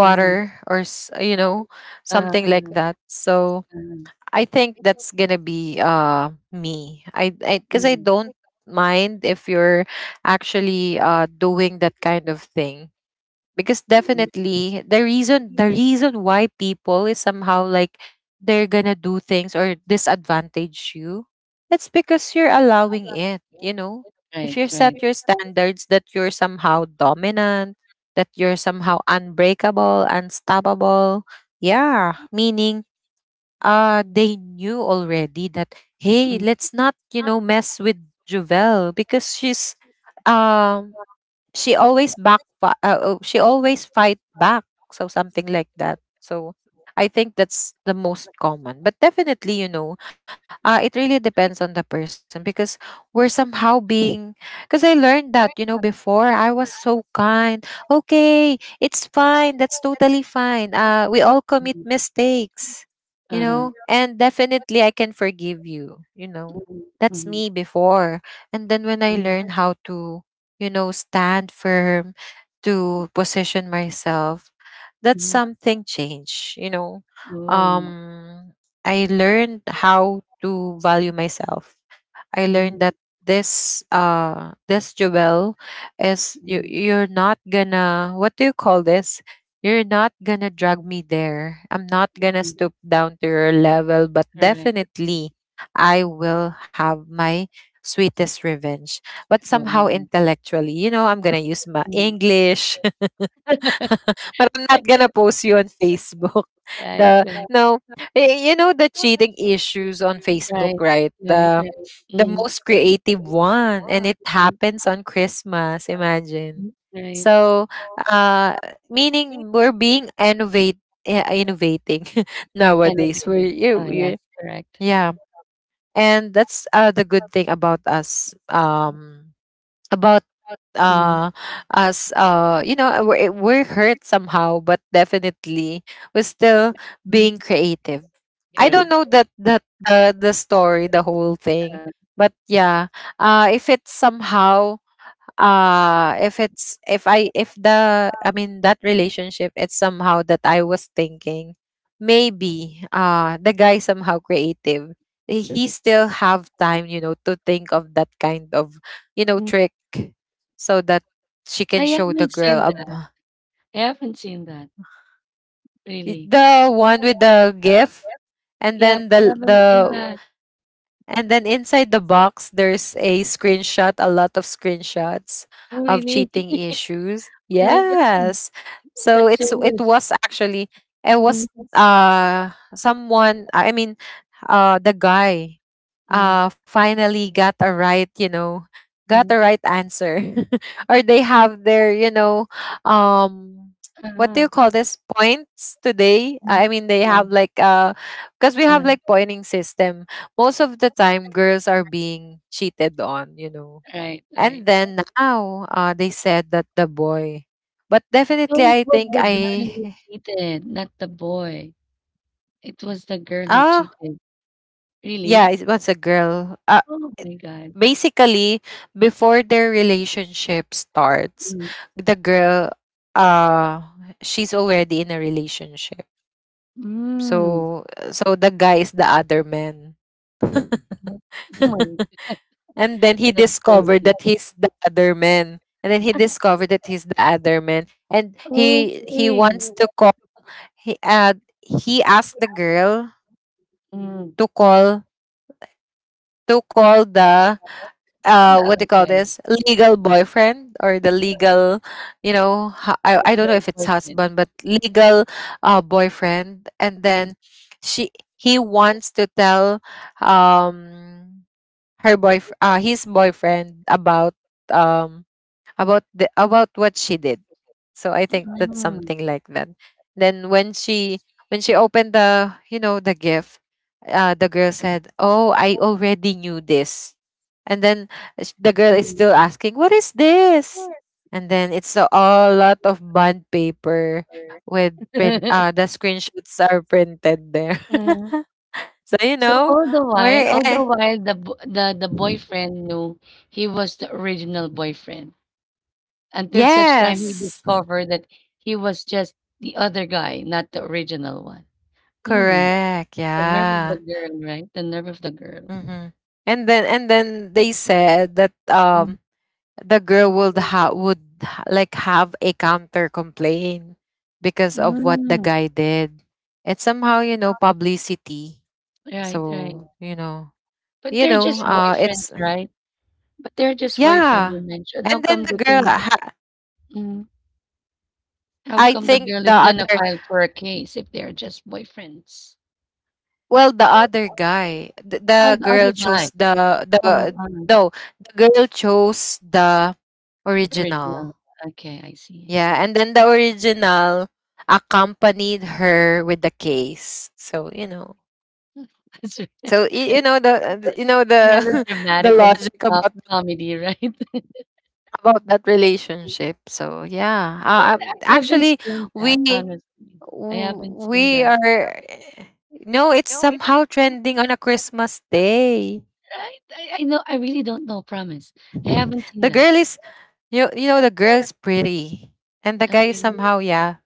[SPEAKER 1] mhm.
[SPEAKER 2] or you know,
[SPEAKER 1] Uh,
[SPEAKER 2] something like
[SPEAKER 1] uh,
[SPEAKER 2] that. So
[SPEAKER 1] uh.
[SPEAKER 2] I think that's gonna be me. 'Cause I
[SPEAKER 1] Mhm.
[SPEAKER 2] don't mind if you're actually doing that kind of thing, because
[SPEAKER 1] Mhm.
[SPEAKER 2] definitely the reason why people is somehow like they're gonna do things or disadvantage you, it's because you're allowing it, you know. If
[SPEAKER 1] Right,
[SPEAKER 2] you
[SPEAKER 1] right.
[SPEAKER 2] set your standards that you're somehow dominant, that you're somehow unbreakable, unstoppable, yeah, meaning they knew already that, hey, let's not, you know, mess with Juvel because she's um she always back, oh, she always fight back, so something like that. So I think that's the most common, but definitely, you know, it really depends on the person. Because we're somehow being — because I learned that, you know, before I was so kind, okay, it's fine, that's totally fine, we all commit
[SPEAKER 1] Mhm.
[SPEAKER 2] mistakes, you
[SPEAKER 1] Uh-huh.
[SPEAKER 2] know, and definitely I can forgive you, you know.
[SPEAKER 1] Mhm,
[SPEAKER 2] That's
[SPEAKER 1] mhm,
[SPEAKER 2] me before. And then when I
[SPEAKER 1] mhm,
[SPEAKER 2] learn how to, you know, stand firm, to position myself. That's
[SPEAKER 1] mhm.
[SPEAKER 2] something change, you know.
[SPEAKER 1] Oh,
[SPEAKER 2] Um I learned how to value myself. I learned
[SPEAKER 1] mm,
[SPEAKER 2] that this this jewel is — you —
[SPEAKER 1] mm,
[SPEAKER 2] you're not gonna, what do you call this? You're not gonna drag me there. I'm not gonna
[SPEAKER 1] mm.
[SPEAKER 2] stoop down to your level, but
[SPEAKER 1] Correct.
[SPEAKER 2] definitely I will have my sweetest revenge. But
[SPEAKER 1] Oh,
[SPEAKER 2] somehow
[SPEAKER 1] mm.
[SPEAKER 2] intellectually, you know, I'm gonna use my English. But I'm not gonna post you on Facebook.
[SPEAKER 1] Right,
[SPEAKER 2] The —
[SPEAKER 1] right.
[SPEAKER 2] no, you know the cheating issues on Facebook, right?
[SPEAKER 1] Right.
[SPEAKER 2] The — the most creative one, and it happens on Christmas. Imagine.
[SPEAKER 1] Right.
[SPEAKER 2] So, uh, meaning, we're being innovate, eh, innovating nowadays. We're
[SPEAKER 1] Innovative. Ah, yes, correct.
[SPEAKER 2] yeah, and that's the good thing about us. About
[SPEAKER 1] Mm.
[SPEAKER 2] uh as you know we're, we're hurt somehow, but definitely we're still
[SPEAKER 1] Mm.
[SPEAKER 2] being creative. I don't know that that the story, the whole thing,
[SPEAKER 1] Uh,
[SPEAKER 2] but yeah, if it's somehow if it's if I if the that relationship, it's somehow that I was thinking maybe the guy somehow creative, he still have time, you know, to think of that kind of, you know,
[SPEAKER 1] mm.
[SPEAKER 2] trick, so that she can
[SPEAKER 1] I
[SPEAKER 2] show the
[SPEAKER 1] haven't
[SPEAKER 2] girl
[SPEAKER 1] seen that. I haven't seen that, really.
[SPEAKER 2] the one with the gift and
[SPEAKER 1] Yeah,
[SPEAKER 2] then
[SPEAKER 1] I
[SPEAKER 2] the
[SPEAKER 1] haven't seen
[SPEAKER 2] the
[SPEAKER 1] that.
[SPEAKER 2] And then inside the box, there's a screenshot, a lot of screenshots
[SPEAKER 1] Oh,
[SPEAKER 2] of
[SPEAKER 1] really?
[SPEAKER 2] cheating issues.
[SPEAKER 1] Oh my God.
[SPEAKER 2] Yes.
[SPEAKER 1] That's
[SPEAKER 2] It
[SPEAKER 1] serious.
[SPEAKER 2] was actually, it was
[SPEAKER 1] Mm,
[SPEAKER 2] someone, I mean, the guy
[SPEAKER 1] mm,
[SPEAKER 2] finally got a right, you know, got the
[SPEAKER 1] mm.
[SPEAKER 2] right answer or they have their, you know um what do
[SPEAKER 1] Ah,
[SPEAKER 2] you call this, points today.
[SPEAKER 1] mm.
[SPEAKER 2] I mean, they have like because we have like pointing system. Most of the time girls are being cheated on, you know,
[SPEAKER 1] Right,
[SPEAKER 2] and
[SPEAKER 1] right.
[SPEAKER 2] then now they said that the boy, but definitely
[SPEAKER 1] So it
[SPEAKER 2] I
[SPEAKER 1] was
[SPEAKER 2] think
[SPEAKER 1] the girl who
[SPEAKER 2] I
[SPEAKER 1] cheated, not the boy. It was the girl who
[SPEAKER 2] ah.
[SPEAKER 1] cheated.
[SPEAKER 2] Yeah,
[SPEAKER 1] Really?
[SPEAKER 2] it was a girl.
[SPEAKER 1] Oh
[SPEAKER 2] It-
[SPEAKER 1] my god.
[SPEAKER 2] Basically, before their relationship starts,
[SPEAKER 1] Mm.
[SPEAKER 2] the girl, uh, she's already in a relationship.
[SPEAKER 1] Mm.
[SPEAKER 2] So, so, the guy is the other man.
[SPEAKER 1] Oh my god,
[SPEAKER 2] And then he
[SPEAKER 1] that's
[SPEAKER 2] discovered
[SPEAKER 1] crazy.
[SPEAKER 2] that he's the other man. And then he discovered that he's the other man. And he
[SPEAKER 1] Okay.
[SPEAKER 2] wants to call. He uh, he asked the girl
[SPEAKER 1] Mm. Oh
[SPEAKER 2] to call, to call the what they
[SPEAKER 1] my
[SPEAKER 2] call
[SPEAKER 1] god.
[SPEAKER 2] this, legal boyfriend, or the legal, you know, I don't know
[SPEAKER 1] Illegal
[SPEAKER 2] if it's
[SPEAKER 1] boyfriend.
[SPEAKER 2] husband, but legal boyfriend. And then
[SPEAKER 1] Mm.
[SPEAKER 2] she, he wants to tell, um her boy, his boyfriend, about, um about the, about what she did. So I think that's
[SPEAKER 1] Mm.
[SPEAKER 2] something like that. Then when she opened the, you know, the gift, the girl said, "Oh, I already knew this." And then, the girl is still asking, "What is this?" And then it's a lot of bond paper with print.
[SPEAKER 1] Mm.
[SPEAKER 2] The screenshots are printed there.
[SPEAKER 1] Mm.
[SPEAKER 2] So, you
[SPEAKER 1] So
[SPEAKER 2] know,
[SPEAKER 1] all while,
[SPEAKER 2] we're eh.
[SPEAKER 1] while the boyfriend knew he was the original boyfriend until such time he
[SPEAKER 2] Yes,
[SPEAKER 1] discovered that he was just the other guy, not the original one. Hmm.
[SPEAKER 2] correct,
[SPEAKER 1] The nerve of the
[SPEAKER 2] yeah.
[SPEAKER 1] girl, right? The nerve of the girl.
[SPEAKER 2] Hmm. And then they said that
[SPEAKER 1] Mm,
[SPEAKER 2] the girl would like have a counter complaint because of what the guy did. It's somehow, you know, publicity.
[SPEAKER 1] right, right.
[SPEAKER 2] So,
[SPEAKER 1] But
[SPEAKER 2] you
[SPEAKER 1] they're just
[SPEAKER 2] know,
[SPEAKER 1] boyfriends,
[SPEAKER 2] it's,
[SPEAKER 1] right? But they're just boyfriend you
[SPEAKER 2] yeah.
[SPEAKER 1] mentioned. How
[SPEAKER 2] And then
[SPEAKER 1] come
[SPEAKER 2] the
[SPEAKER 1] they
[SPEAKER 2] girl
[SPEAKER 1] can? Mm, how
[SPEAKER 2] I
[SPEAKER 1] come the
[SPEAKER 2] think
[SPEAKER 1] girl
[SPEAKER 2] the
[SPEAKER 1] is gonna
[SPEAKER 2] other,
[SPEAKER 1] file for a case if they're just boyfriends?
[SPEAKER 2] well the other guy,
[SPEAKER 1] Oh,
[SPEAKER 2] the
[SPEAKER 1] the
[SPEAKER 2] girl
[SPEAKER 1] other guy.
[SPEAKER 2] chose the
[SPEAKER 1] Uh,
[SPEAKER 2] the
[SPEAKER 1] uh,
[SPEAKER 2] no, the girl chose the
[SPEAKER 1] original.
[SPEAKER 2] original.
[SPEAKER 1] Okay, I see. I
[SPEAKER 2] Yeah,
[SPEAKER 1] see.
[SPEAKER 2] and then the original accompanied her with the case. So you know,
[SPEAKER 1] That's right.
[SPEAKER 2] so you know the, you know the the
[SPEAKER 1] Melodramatic and
[SPEAKER 2] logic
[SPEAKER 1] uh,
[SPEAKER 2] about
[SPEAKER 1] comedy, right?
[SPEAKER 2] about that relationship. So yeah,
[SPEAKER 1] I haven't
[SPEAKER 2] actually,
[SPEAKER 1] seen that,
[SPEAKER 2] we
[SPEAKER 1] honestly. I haven't seen
[SPEAKER 2] we
[SPEAKER 1] that.
[SPEAKER 2] are, no, it's somehow trending on a Christmas day.
[SPEAKER 1] Right? I know. I really don't know. Promise. I haven't seen
[SPEAKER 2] The
[SPEAKER 1] that.
[SPEAKER 2] girl is, you know the girl is pretty, and the guy is somehow, yeah,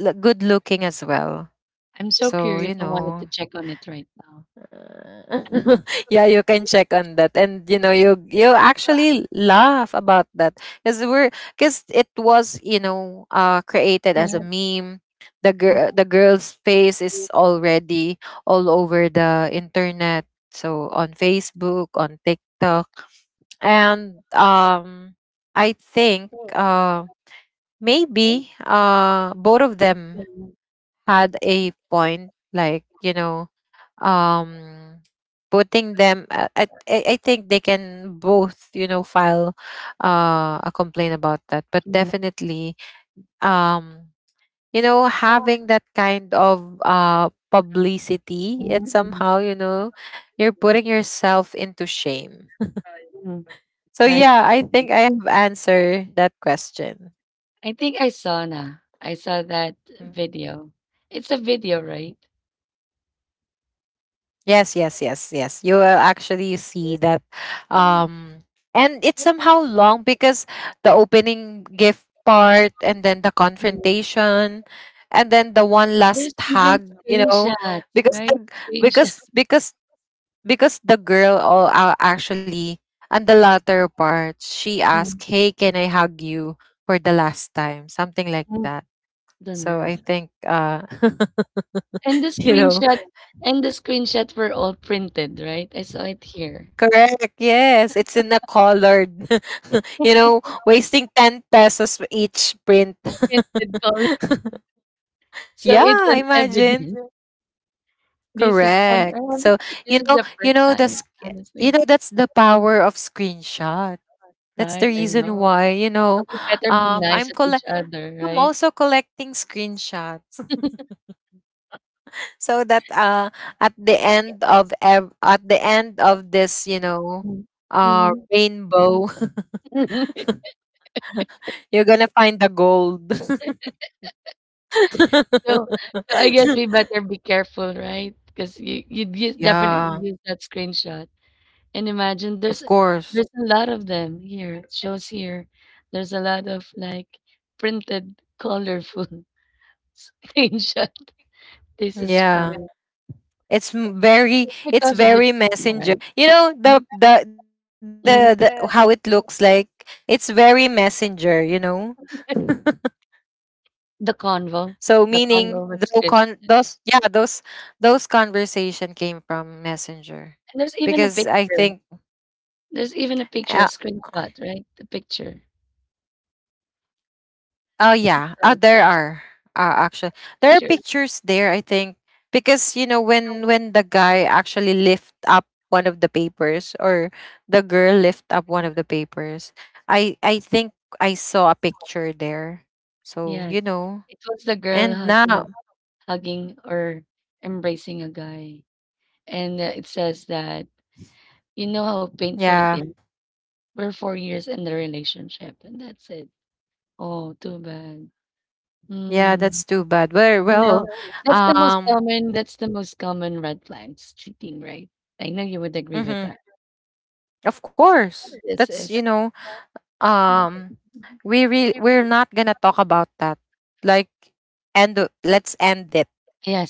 [SPEAKER 2] good looking as well.
[SPEAKER 1] I'm so
[SPEAKER 2] So you
[SPEAKER 1] curious. I wanted to
[SPEAKER 2] know,
[SPEAKER 1] check on it right now.
[SPEAKER 2] yeah, you can check on that, and you know, you actually laugh about that, because we're, because it was, you know, created as a meme. The girl's face is already all over the internet, so on Facebook, on TikTok, and I think maybe both of them had a point, like you know, um putting them I think they can both, you know, file a complaint about that, but
[SPEAKER 1] Mm.
[SPEAKER 2] definitely, um you know, having that kind of publicity, it
[SPEAKER 1] Mm, mm,
[SPEAKER 2] somehow, you know, you're putting yourself into shame.
[SPEAKER 1] mm.
[SPEAKER 2] So
[SPEAKER 1] Right.
[SPEAKER 2] yeah, I think I have answered that question.
[SPEAKER 1] I think I saw na. I saw that
[SPEAKER 2] Mm.
[SPEAKER 1] video. It's a video, right?
[SPEAKER 2] Yes, yes, yes, yes. You will actually see that. Um, and it's somehow long because the opening gift part and then the confrontation and then the one last
[SPEAKER 1] Even
[SPEAKER 2] hug, you know,
[SPEAKER 1] screenshots,
[SPEAKER 2] because
[SPEAKER 1] right?
[SPEAKER 2] the,
[SPEAKER 1] Screenshots.
[SPEAKER 2] because because because the girl all, actually on the latter part she asked,
[SPEAKER 1] Mm,
[SPEAKER 2] "Hey, can I hug you for the last time?" Something like
[SPEAKER 1] mm.
[SPEAKER 2] that.
[SPEAKER 1] The
[SPEAKER 2] So I
[SPEAKER 1] nerve.
[SPEAKER 2] think
[SPEAKER 1] And the
[SPEAKER 2] you know.
[SPEAKER 1] screenshot and the screenshot were all printed, right? I saw it here.
[SPEAKER 2] Correct. Yes, it's in a colored. You know, wasting 10 pesos for each print.
[SPEAKER 1] Printed color. So it's
[SPEAKER 2] Yeah,
[SPEAKER 1] an
[SPEAKER 2] imagine.
[SPEAKER 1] evidence. This is on
[SPEAKER 2] Correct. So,
[SPEAKER 1] this is
[SPEAKER 2] you know,
[SPEAKER 1] the first time,
[SPEAKER 2] you
[SPEAKER 1] honestly.
[SPEAKER 2] know that's the power of screenshot. That's the
[SPEAKER 1] Right, I
[SPEAKER 2] reason
[SPEAKER 1] know.
[SPEAKER 2] why, you
[SPEAKER 1] So
[SPEAKER 2] know,
[SPEAKER 1] we better be
[SPEAKER 2] um
[SPEAKER 1] nice
[SPEAKER 2] I'm
[SPEAKER 1] at each
[SPEAKER 2] collect
[SPEAKER 1] other,
[SPEAKER 2] I'm
[SPEAKER 1] right?
[SPEAKER 2] also collecting screenshots so that at the end of at the end of this, you know,
[SPEAKER 1] Mm. Mhm.
[SPEAKER 2] rainbow, you're going to find the gold.
[SPEAKER 1] So so I guess we better be careful, right? Because you use definitely
[SPEAKER 2] Yeah.
[SPEAKER 1] use that screenshot. And imagine
[SPEAKER 2] Of course.
[SPEAKER 1] there's a lot of them here. It shows here. There's a lot of like printed colorful screenshot. This is
[SPEAKER 2] Yeah.
[SPEAKER 1] funny.
[SPEAKER 2] Very,
[SPEAKER 1] It's
[SPEAKER 2] it's
[SPEAKER 1] because of the
[SPEAKER 2] very
[SPEAKER 1] cheating,
[SPEAKER 2] messenger.
[SPEAKER 1] right?
[SPEAKER 2] You know the how
[SPEAKER 1] Mhm.
[SPEAKER 2] it looks like. It's very messenger, you know.
[SPEAKER 1] The
[SPEAKER 2] So
[SPEAKER 1] convo, the
[SPEAKER 2] meaning the
[SPEAKER 1] convo with
[SPEAKER 2] con
[SPEAKER 1] scripts.
[SPEAKER 2] those, yeah, those conversation came from messenger.
[SPEAKER 1] And there's even a
[SPEAKER 2] Because I
[SPEAKER 1] picture.
[SPEAKER 2] think
[SPEAKER 1] There's even a picture, a
[SPEAKER 2] uh,
[SPEAKER 1] screenshot, right? The picture.
[SPEAKER 2] oh yeah,
[SPEAKER 1] About
[SPEAKER 2] there
[SPEAKER 1] your
[SPEAKER 2] are actually there are
[SPEAKER 1] picture.
[SPEAKER 2] pictures there. I think because you know when the guy actually lift up one of the papers, or the girl lift up one of the papers, I think I saw a picture there. So
[SPEAKER 1] Yes.
[SPEAKER 2] you know,
[SPEAKER 1] It was the girl
[SPEAKER 2] and
[SPEAKER 1] hugging a
[SPEAKER 2] now
[SPEAKER 1] hugging or embracing a guy. And it says that, you know how painful it
[SPEAKER 2] yeah,
[SPEAKER 1] is. We're 4 years in the relationship, and that's it. Oh, too bad.
[SPEAKER 2] yeah,
[SPEAKER 1] Mm.
[SPEAKER 2] that's too bad. Very
[SPEAKER 1] You know,
[SPEAKER 2] well,
[SPEAKER 1] that's the most
[SPEAKER 2] um,
[SPEAKER 1] common, that's the most common red flags, cheating, right? I know you would agree with
[SPEAKER 2] mm-hmm.
[SPEAKER 1] that.
[SPEAKER 2] Of course
[SPEAKER 1] This
[SPEAKER 2] that's,
[SPEAKER 1] is,
[SPEAKER 2] you know, um we we're not gonna talk about that, like, end, let's end it,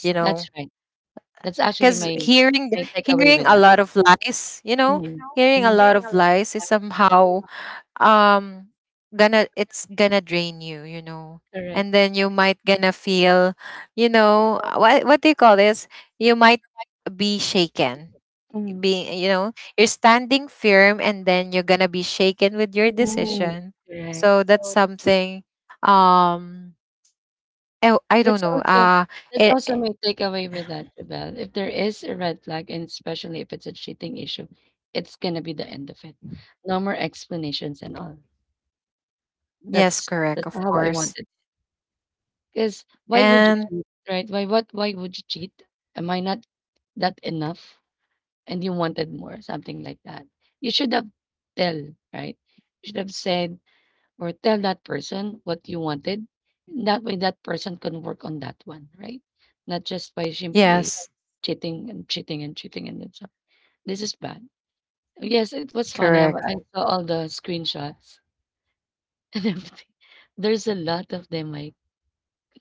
[SPEAKER 2] you know,
[SPEAKER 1] that's right. That's actually
[SPEAKER 2] because hearing
[SPEAKER 1] my takeaway
[SPEAKER 2] hearing
[SPEAKER 1] with
[SPEAKER 2] a
[SPEAKER 1] that.
[SPEAKER 2] lot of lies, you know, hearing a
[SPEAKER 1] Mhm.
[SPEAKER 2] lot of lies is somehow, um gonna, it's gonna drain you, you know,
[SPEAKER 1] Correct.
[SPEAKER 2] and then you might gonna feel, you know, what do you call this, you might be shaken,
[SPEAKER 1] Mm.
[SPEAKER 2] being, you know, you're standing firm and then you're gonna be shaken with your
[SPEAKER 1] Mm.
[SPEAKER 2] decision.
[SPEAKER 1] Correct.
[SPEAKER 2] So that's something, um I don't
[SPEAKER 1] That's
[SPEAKER 2] know
[SPEAKER 1] also that's
[SPEAKER 2] it,
[SPEAKER 1] also my takeaway with that, Jabel. If there is a red flag, and especially if it's a cheating issue, it's gonna be the end of it. No more explanations and all.
[SPEAKER 2] yes, correct,
[SPEAKER 1] That's
[SPEAKER 2] of
[SPEAKER 1] how I
[SPEAKER 2] course,
[SPEAKER 1] want it. Because why would you
[SPEAKER 2] and
[SPEAKER 1] cheat, right? Why would you cheat? Am I not that enough? And you wanted more, something like that. You should have tell, right? You should have said or tell that person what you wanted. That way that person can work on that one, right? Not just by simply
[SPEAKER 2] yes,
[SPEAKER 1] cheating and cheating and cheating and it's, this is bad. Yes, it was funny.
[SPEAKER 2] correct,
[SPEAKER 1] I saw all the screenshots and everything. There's a lot of them. Like,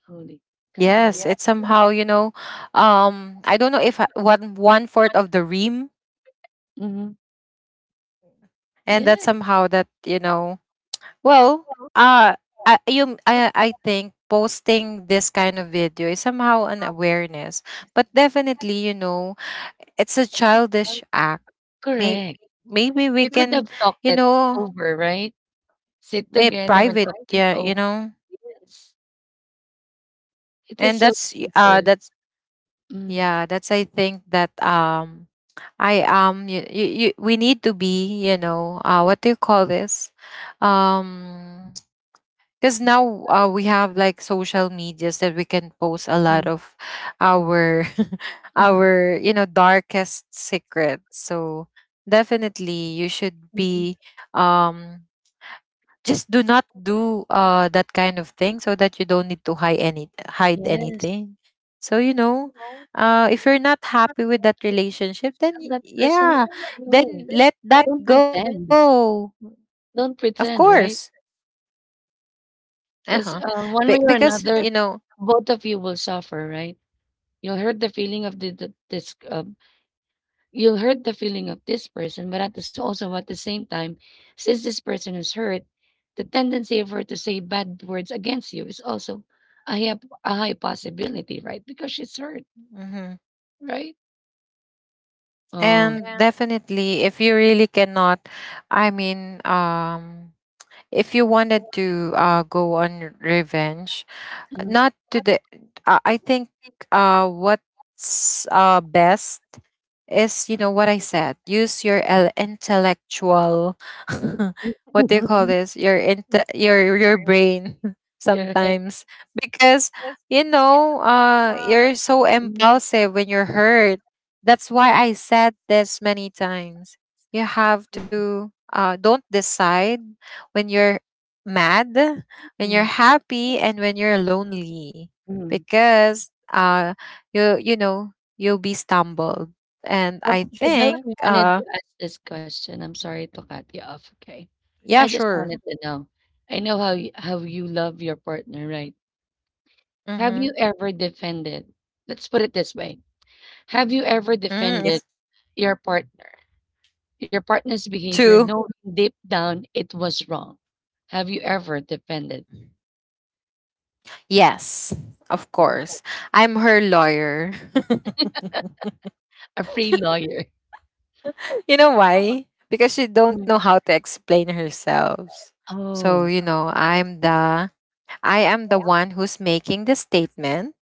[SPEAKER 1] holy cow.
[SPEAKER 2] yes, it's somehow, you know, I don't know if one one fourth of the ream,
[SPEAKER 1] Hmm.
[SPEAKER 2] and that's
[SPEAKER 1] Yeah,
[SPEAKER 2] somehow, that you know. Well, uh, I think posting this kind of video is somehow an awareness, but definitely, you know, it's a childish act. May,
[SPEAKER 1] correct.
[SPEAKER 2] maybe
[SPEAKER 1] You
[SPEAKER 2] we
[SPEAKER 1] could
[SPEAKER 2] can,
[SPEAKER 1] talk
[SPEAKER 2] you
[SPEAKER 1] that
[SPEAKER 2] know,
[SPEAKER 1] over, right? Sit
[SPEAKER 2] eh,
[SPEAKER 1] together.
[SPEAKER 2] private,
[SPEAKER 1] It's
[SPEAKER 2] yeah,
[SPEAKER 1] over.
[SPEAKER 2] you know,
[SPEAKER 1] Yes. It is
[SPEAKER 2] and
[SPEAKER 1] so
[SPEAKER 2] that's,
[SPEAKER 1] beautiful.
[SPEAKER 2] that's,
[SPEAKER 1] Mm.
[SPEAKER 2] yeah, that's, I think that, I am, you, we need to be, you know, what do you call this? Um, because now we have like social medias that we can post a lot
[SPEAKER 1] Mm,
[SPEAKER 2] of our
[SPEAKER 1] mm.
[SPEAKER 2] our, you know, darkest secrets. So definitely you should be, um just do not do that kind of thing, so that you don't need to hide
[SPEAKER 1] Yes.
[SPEAKER 2] anything. So you know, if you're not happy with that relationship, then
[SPEAKER 1] That person
[SPEAKER 2] yeah,
[SPEAKER 1] right away.
[SPEAKER 2] then let that
[SPEAKER 1] Pretend.
[SPEAKER 2] go. Of
[SPEAKER 1] Don't
[SPEAKER 2] course.
[SPEAKER 1] pretend, right?
[SPEAKER 2] Uh-huh.
[SPEAKER 1] Because one way
[SPEAKER 2] Because
[SPEAKER 1] or
[SPEAKER 2] you
[SPEAKER 1] another,
[SPEAKER 2] know.
[SPEAKER 1] both of you will suffer, right? You'll hurt the feeling of the this you'll hurt the feeling of this person, but at the also at the same time, since this person is hurt, the tendency of her to say bad words against you is also a high, a high possibility, right? Because she's hurt,
[SPEAKER 2] Mhm.
[SPEAKER 1] right? Oh,
[SPEAKER 2] And definitely, if you really cannot, I mean, if you wanted to go on revenge,
[SPEAKER 1] mm,
[SPEAKER 2] not to the I think what's best is, you know what I said, use your intellectual what do you call this, your your brain
[SPEAKER 1] yes. Thank
[SPEAKER 2] sometimes, because you know, you're so
[SPEAKER 1] you.
[SPEAKER 2] impulsive when you're hurt. That's why I said this many times, you have
[SPEAKER 1] Mm,
[SPEAKER 2] to, don't decide when you're mad, when you're
[SPEAKER 1] mm.
[SPEAKER 2] happy, and when you're lonely,
[SPEAKER 1] Um,
[SPEAKER 2] because you you know you'll be stumbled, and I
[SPEAKER 1] Jabella
[SPEAKER 2] think
[SPEAKER 1] wanted to ask this question. I'm sorry to cut you off. Okay,
[SPEAKER 2] yeah,
[SPEAKER 1] I just
[SPEAKER 2] sure,
[SPEAKER 1] wanted to know. I know how you love your partner, right? Have
[SPEAKER 2] mm-hmm.
[SPEAKER 1] you ever defended let's put it this way. Have you ever
[SPEAKER 2] Mm,
[SPEAKER 1] defended
[SPEAKER 2] it's
[SPEAKER 1] your partner, your partner's behavior
[SPEAKER 2] two,
[SPEAKER 1] knowing deep down it was wrong? Have you ever defended
[SPEAKER 2] yes, of course, I'm her lawyer
[SPEAKER 1] a free lawyer?
[SPEAKER 2] you know why, because she don't
[SPEAKER 1] Mm.
[SPEAKER 2] know how to explain herself. So
[SPEAKER 1] Oh.
[SPEAKER 2] you know, I am the one who's making the statement,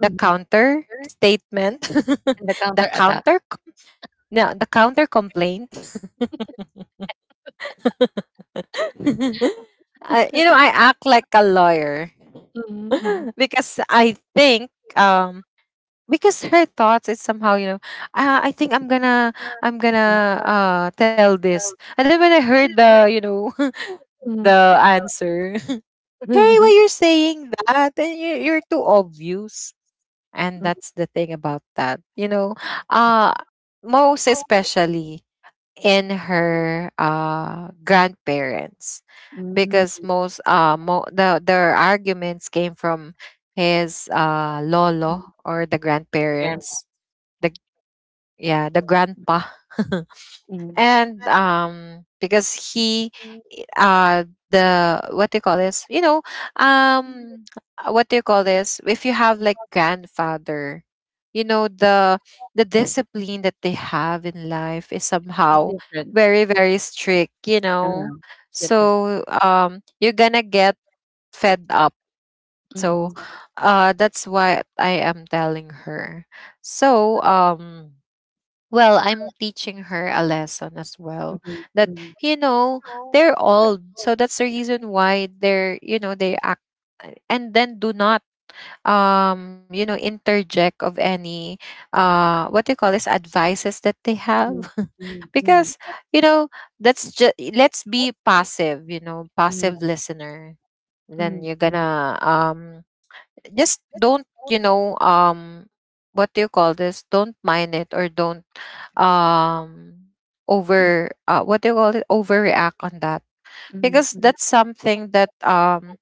[SPEAKER 2] the
[SPEAKER 1] Mhm,
[SPEAKER 2] counter statement
[SPEAKER 1] and the
[SPEAKER 2] the
[SPEAKER 1] counterattack.
[SPEAKER 2] counter, no, the counter complaint. I, you know, I act like a lawyer
[SPEAKER 1] Mm.
[SPEAKER 2] because I think because her thoughts is somehow, you know, uh, I think I'm gonna I'm gonna tell this, and then when I heard the, you know,
[SPEAKER 1] Mm.
[SPEAKER 2] the answer hey,
[SPEAKER 1] Mm. Mm.
[SPEAKER 2] why you're saying that, and you're too obvious. And that's the thing about that, you know, uh most especially in her grandparents, because
[SPEAKER 1] Mm.
[SPEAKER 2] most the their arguments came from his lolo or the
[SPEAKER 1] Yeah,
[SPEAKER 2] grandparents, the, yeah, the grandpa
[SPEAKER 1] mm.
[SPEAKER 2] and um, because he uh the, what do you call this, you know, um what do you call this, if you have like grandfather, you know, the discipline that they have in life is
[SPEAKER 1] It's
[SPEAKER 2] somehow
[SPEAKER 1] different,
[SPEAKER 2] very very strict, you know.
[SPEAKER 1] it's different.
[SPEAKER 2] So um, you're gonna get fed up.
[SPEAKER 1] Mhm,
[SPEAKER 2] So that's what I am telling her. So um, well, I'm teaching her a lesson as well,
[SPEAKER 1] mhm,
[SPEAKER 2] that,
[SPEAKER 1] mhm,
[SPEAKER 2] you know, they're old, so that's the reason why they're, you know, they act. And then do not, you know, interject of any what do you call this, advices that they have
[SPEAKER 1] mhm, mhm,
[SPEAKER 2] because you know that's just, let's be passive, you know,
[SPEAKER 1] mhm,
[SPEAKER 2] passive listener, then
[SPEAKER 1] mhm,
[SPEAKER 2] you're
[SPEAKER 1] mhm,
[SPEAKER 2] gonna um, just don't, you know, um, what do you call this, don't mind it, or don't, um over, what do you call it, overreact on that,
[SPEAKER 1] mhm,
[SPEAKER 2] because
[SPEAKER 1] mhm,
[SPEAKER 2] that's something that,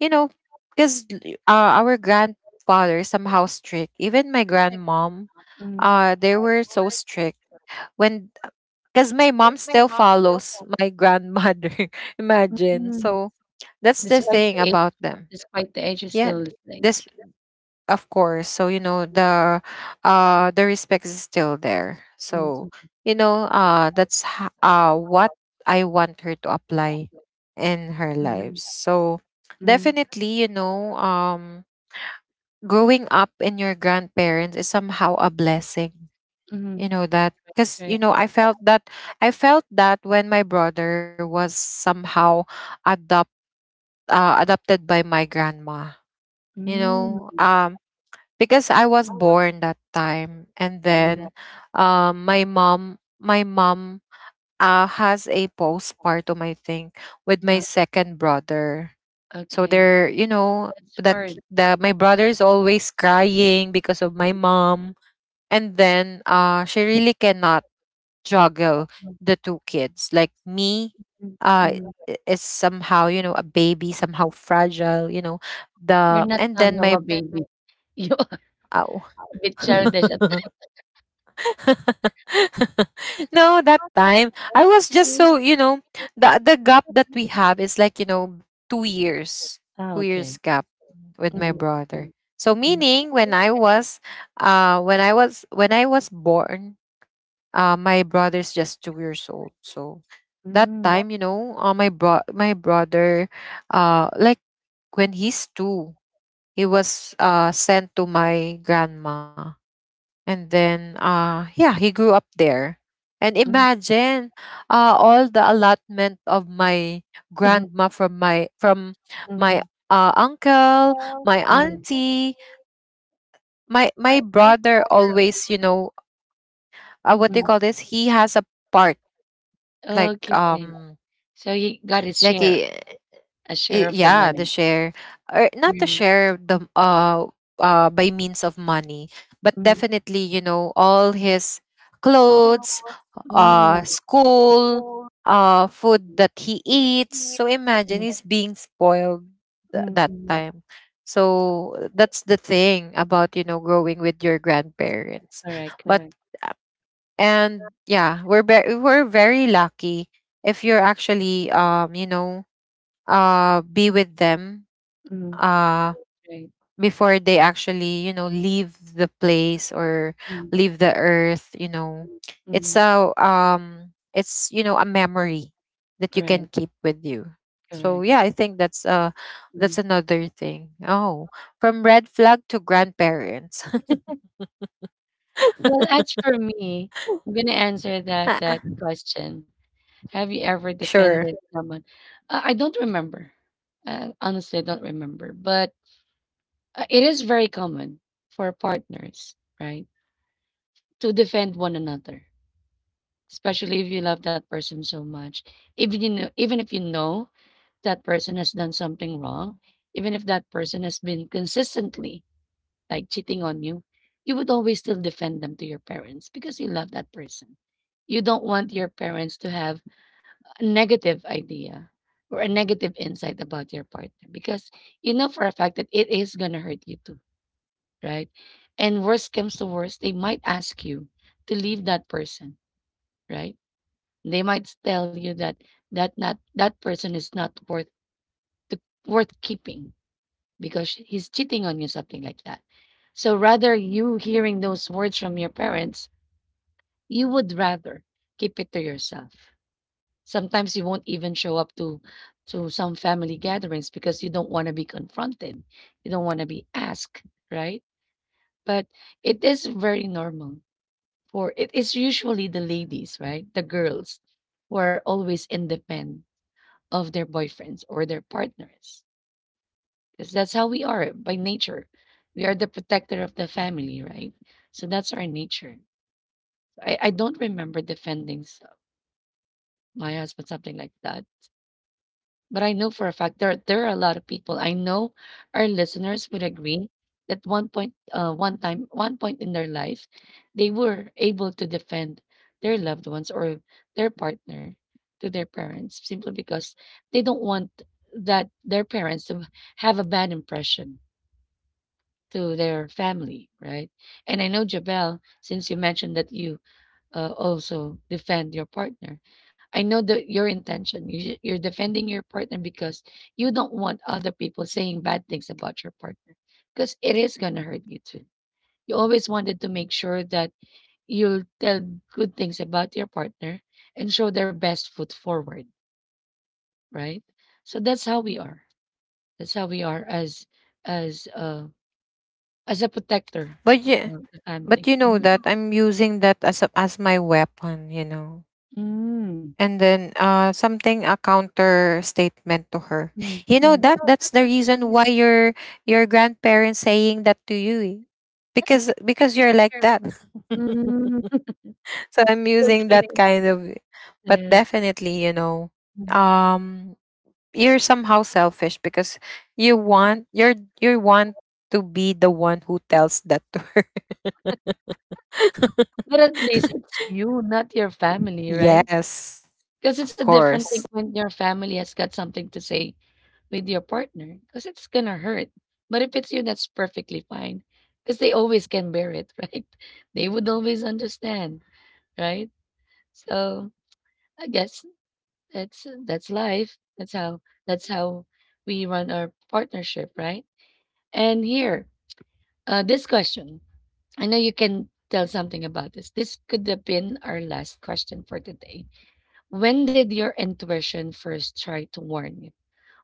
[SPEAKER 2] you know, because our grandfather is somehow strict, even my grandmom, they were so strict when, because my mom still follows my grandmother.
[SPEAKER 1] mm,
[SPEAKER 2] Imagine. So that's the
[SPEAKER 1] despite
[SPEAKER 2] thing
[SPEAKER 1] the age
[SPEAKER 2] about them.
[SPEAKER 1] despite the age, you're
[SPEAKER 2] Yeah.
[SPEAKER 1] still listening.
[SPEAKER 2] This,
[SPEAKER 1] Okay.
[SPEAKER 2] of course, so you know the respect is still there.
[SPEAKER 1] Mm,
[SPEAKER 2] So
[SPEAKER 1] mm,
[SPEAKER 2] you know, that's what I want her to apply in her lives. So
[SPEAKER 1] mhm,
[SPEAKER 2] definitely you know, growing up in your grandparents is somehow a blessing, you
[SPEAKER 1] mhm,
[SPEAKER 2] Know that, because you
[SPEAKER 1] right.
[SPEAKER 2] know, I felt that when my brother was somehow adopt adopted by my grandma. you
[SPEAKER 1] Mm,
[SPEAKER 2] know um because I was born that time, and
[SPEAKER 1] mm,
[SPEAKER 2] then my mom has a postpartum, I think, with my
[SPEAKER 1] ah,
[SPEAKER 2] second brother. So
[SPEAKER 1] okay.
[SPEAKER 2] they're, you know,
[SPEAKER 1] That's
[SPEAKER 2] the
[SPEAKER 1] hard.
[SPEAKER 2] the my brother is always crying because of my mom, and then she really cannot juggle the two kids. Like me,
[SPEAKER 1] Mm,
[SPEAKER 2] uh,
[SPEAKER 1] mm.
[SPEAKER 2] is somehow, you know, a baby, somehow fragile, you know
[SPEAKER 1] You're
[SPEAKER 2] the
[SPEAKER 1] not
[SPEAKER 2] and then
[SPEAKER 1] somehow
[SPEAKER 2] my
[SPEAKER 1] a you're
[SPEAKER 2] ow
[SPEAKER 1] a bit childish at
[SPEAKER 2] no, that time I was just so, you know, the gap that we have is like, you know, 2 years,
[SPEAKER 1] ah,
[SPEAKER 2] 2 years
[SPEAKER 1] okay.
[SPEAKER 2] gap with my
[SPEAKER 1] Mm,
[SPEAKER 2] brother.
[SPEAKER 1] mm,
[SPEAKER 2] So
[SPEAKER 1] mm.
[SPEAKER 2] meaning when I was, when I was born, my brother's just 2 years old. So that
[SPEAKER 1] Mm,
[SPEAKER 2] time, you know, my brother, like when he's two, he was sent to my grandma, and then, yeah, he grew up there. And
[SPEAKER 1] mm,
[SPEAKER 2] imagine all the allotment of my
[SPEAKER 1] mhm,
[SPEAKER 2] grandma from my
[SPEAKER 1] mhm,
[SPEAKER 2] uncle, my
[SPEAKER 1] mhm,
[SPEAKER 2] auntie, my brother always, you know, what do you call this? He has a part, like
[SPEAKER 1] okay.
[SPEAKER 2] um
[SPEAKER 1] So you got to
[SPEAKER 2] like
[SPEAKER 1] share
[SPEAKER 2] he
[SPEAKER 1] a share of the
[SPEAKER 2] yeah, the
[SPEAKER 1] money.
[SPEAKER 2] share, or not the
[SPEAKER 1] Mm,
[SPEAKER 2] share, the uh by means of money. But
[SPEAKER 1] mm.
[SPEAKER 2] definitely, you know, all his clothes,
[SPEAKER 1] Oh.
[SPEAKER 2] school, food that he eats, so imagine he's being spoiled
[SPEAKER 1] Mm,
[SPEAKER 2] that
[SPEAKER 1] mm.
[SPEAKER 2] time. So that's the thing about, you know, growing with your grandparents.
[SPEAKER 1] Correct,
[SPEAKER 2] But
[SPEAKER 1] correct.
[SPEAKER 2] and yeah, we're very lucky if you're actually, you know, be with them uh
[SPEAKER 1] Right.
[SPEAKER 2] before they actually, you know, leave the place, or
[SPEAKER 1] Mm,
[SPEAKER 2] leave the earth, you know. It's
[SPEAKER 1] mhm.
[SPEAKER 2] a it's, you know, a memory that you
[SPEAKER 1] Right,
[SPEAKER 2] can keep with you. So
[SPEAKER 1] correct.
[SPEAKER 2] yeah, I think that's
[SPEAKER 1] Mm.
[SPEAKER 2] another thing. Oh, from red flag to grandparents.
[SPEAKER 1] Well, as for me, I'm gonna answer that question. Have you ever defended
[SPEAKER 2] Sure.
[SPEAKER 1] someone? I don't remember. Honestly, I don't remember. But it is very common for partners, right, to defend one another, especially if you love that person so much. Even you know, even if you know that person has done something wrong, even if that person has been consistently like cheating on you, you would always still defend them to your parents because you love that person. You don't want your parents to have a negative idea or a negative insight about your partner because you know for a fact that it is going to hurt you too, right? And worst comes to worst, they might ask you to leave that person, right? They might tell you that not that person is not worth to, worth keeping because he's cheating on you, something like that. So rather you hearing those words from your parents, you would rather keep it to yourself. Sometimes you won't even show up to some family gatherings because you don't want to be confronted. You don't want to be asked, right? But it is very normal for it is usually the ladies, right? The girls who are always in the pen of their boyfriends or their partners, because that's how we are by nature. We are the protector of the family, right? So that's our nature. I don't remember defending my husband, something like that. But I know for a fact there are a lot of people. I know our listeners would agree that one point, one time, one point in their life, they were able to defend their loved ones or their partner to their parents, simply because they don't want that their parents to have a bad impression to their family, right? And I know Jabel, since you mentioned that you also defend your partner, I know that your intention, you're defending your partner because you don't want other people saying bad things about your partner, because it is gonna hurt you too. You always wanted to make sure that you'll tell good things about your partner and show their best foot forward, right? So that's how we are. That's how we are as as uh as a protector
[SPEAKER 2] But yeah,
[SPEAKER 1] of the
[SPEAKER 2] but
[SPEAKER 1] family.
[SPEAKER 2] you know that I'm using that as a, as my weapon, you know,
[SPEAKER 1] Mm,
[SPEAKER 2] and then something, a counter statement to her.
[SPEAKER 1] mm,
[SPEAKER 2] You know
[SPEAKER 1] mm.
[SPEAKER 2] that that's the reason why your grandparents saying that to you, eh. Because you're like that.
[SPEAKER 1] Mm,
[SPEAKER 2] So I'm using that kind of. But
[SPEAKER 1] yes.
[SPEAKER 2] definitely, you know,
[SPEAKER 1] Mhm.
[SPEAKER 2] um you're somehow selfish because you're you want to be the one who tells that to her.
[SPEAKER 1] But at least it's you, not your family, right?
[SPEAKER 2] Yes.
[SPEAKER 1] Because
[SPEAKER 2] Of
[SPEAKER 1] it's a different thing
[SPEAKER 2] course.
[SPEAKER 1] when your family has got something to say with your partner, because it's gonna hurt. But if it's you, that's perfectly fine, because they always can bear it, right? They would always understand, right? So I guess that's life. That's how we run our partnership, right? And here, this question. I know you can tell something about this. This could have been our last question for today. When did your intuition first try to warn you?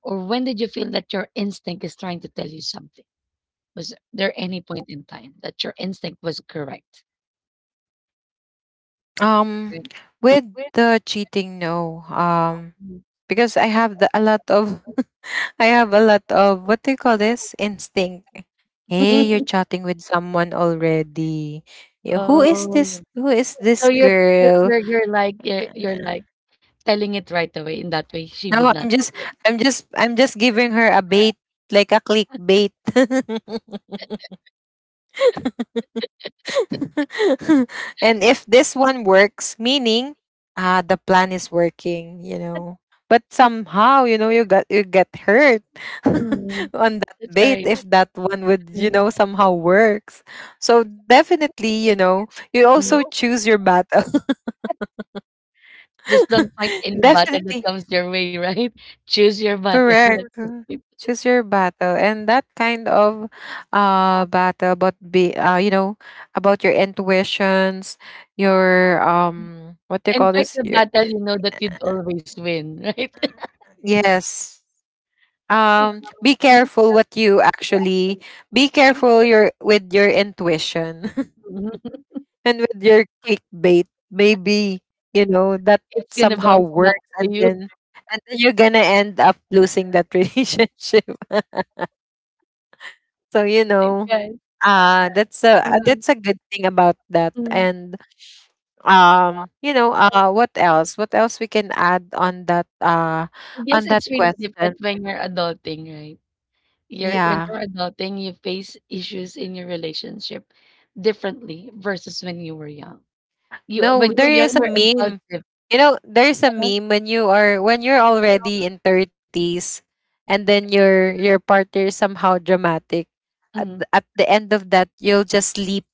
[SPEAKER 1] Or when did you feel that your instinct is trying to tell you something? Was there any point in time that your instinct was correct?
[SPEAKER 2] Um,
[SPEAKER 1] Right.
[SPEAKER 2] with the cheating, no.
[SPEAKER 1] Mhm.
[SPEAKER 2] Because I have the, a lot of, I have a lot of, what do you call this, instinct. Hey, you're chatting with someone already. Yeah, who is
[SPEAKER 1] Oh,
[SPEAKER 2] this? Who is
[SPEAKER 1] so
[SPEAKER 2] this
[SPEAKER 1] you're you're
[SPEAKER 2] girl?
[SPEAKER 1] you're, you're like you're, you're like telling it right away. In that way, she would
[SPEAKER 2] No,
[SPEAKER 1] not
[SPEAKER 2] I'm
[SPEAKER 1] do
[SPEAKER 2] just,
[SPEAKER 1] it.
[SPEAKER 2] I'm just, I'm just giving her a bait, like a clickbait. And if this one works, meaning ah, the plan is working, you know. But somehow, you know, you get hurt
[SPEAKER 1] Mm,
[SPEAKER 2] on that
[SPEAKER 1] that's
[SPEAKER 2] bait
[SPEAKER 1] right.
[SPEAKER 2] if that one would, you
[SPEAKER 1] Mm,
[SPEAKER 2] know, somehow works. So definitely, you know, you
[SPEAKER 1] mm.
[SPEAKER 2] also choose your battle.
[SPEAKER 1] Just don't find any button that
[SPEAKER 2] Definitely.
[SPEAKER 1] comes your way, right? Choose your button.
[SPEAKER 2] Correct. Choose your battle. And that kind of battle about, be you know, about your intuitions, your what do you
[SPEAKER 1] And
[SPEAKER 2] call
[SPEAKER 1] fight
[SPEAKER 2] this?
[SPEAKER 1] the
[SPEAKER 2] Your
[SPEAKER 1] battle you know that you'd always win, right?
[SPEAKER 2] yes. Be careful what you actually, be careful your with your intuition and with your clickbait. Maybe, you know, that
[SPEAKER 1] It's gonna
[SPEAKER 2] somehow
[SPEAKER 1] bounce back
[SPEAKER 2] works,
[SPEAKER 1] to you,
[SPEAKER 2] and then you're gonna end up losing that relationship. So, you
[SPEAKER 1] I
[SPEAKER 2] know,
[SPEAKER 1] guess.
[SPEAKER 2] that's a good thing about that.
[SPEAKER 1] Mm,
[SPEAKER 2] And you know, what else? What else we can add
[SPEAKER 1] I guess
[SPEAKER 2] on that
[SPEAKER 1] it's really
[SPEAKER 2] question?
[SPEAKER 1] different when you're adulting, right? You're when
[SPEAKER 2] Yeah.
[SPEAKER 1] you're adulting, you face issues in your relationship differently versus when you were young. You
[SPEAKER 2] No,
[SPEAKER 1] when you were
[SPEAKER 2] there
[SPEAKER 1] young,
[SPEAKER 2] is
[SPEAKER 1] you
[SPEAKER 2] a
[SPEAKER 1] were
[SPEAKER 2] meme.
[SPEAKER 1] impulsive.
[SPEAKER 2] You know, there's a meme when you are when you're already in 30s, and then your partner is somehow dramatic. At,
[SPEAKER 1] Mm,
[SPEAKER 2] th- at the end of that, you'll just sleep.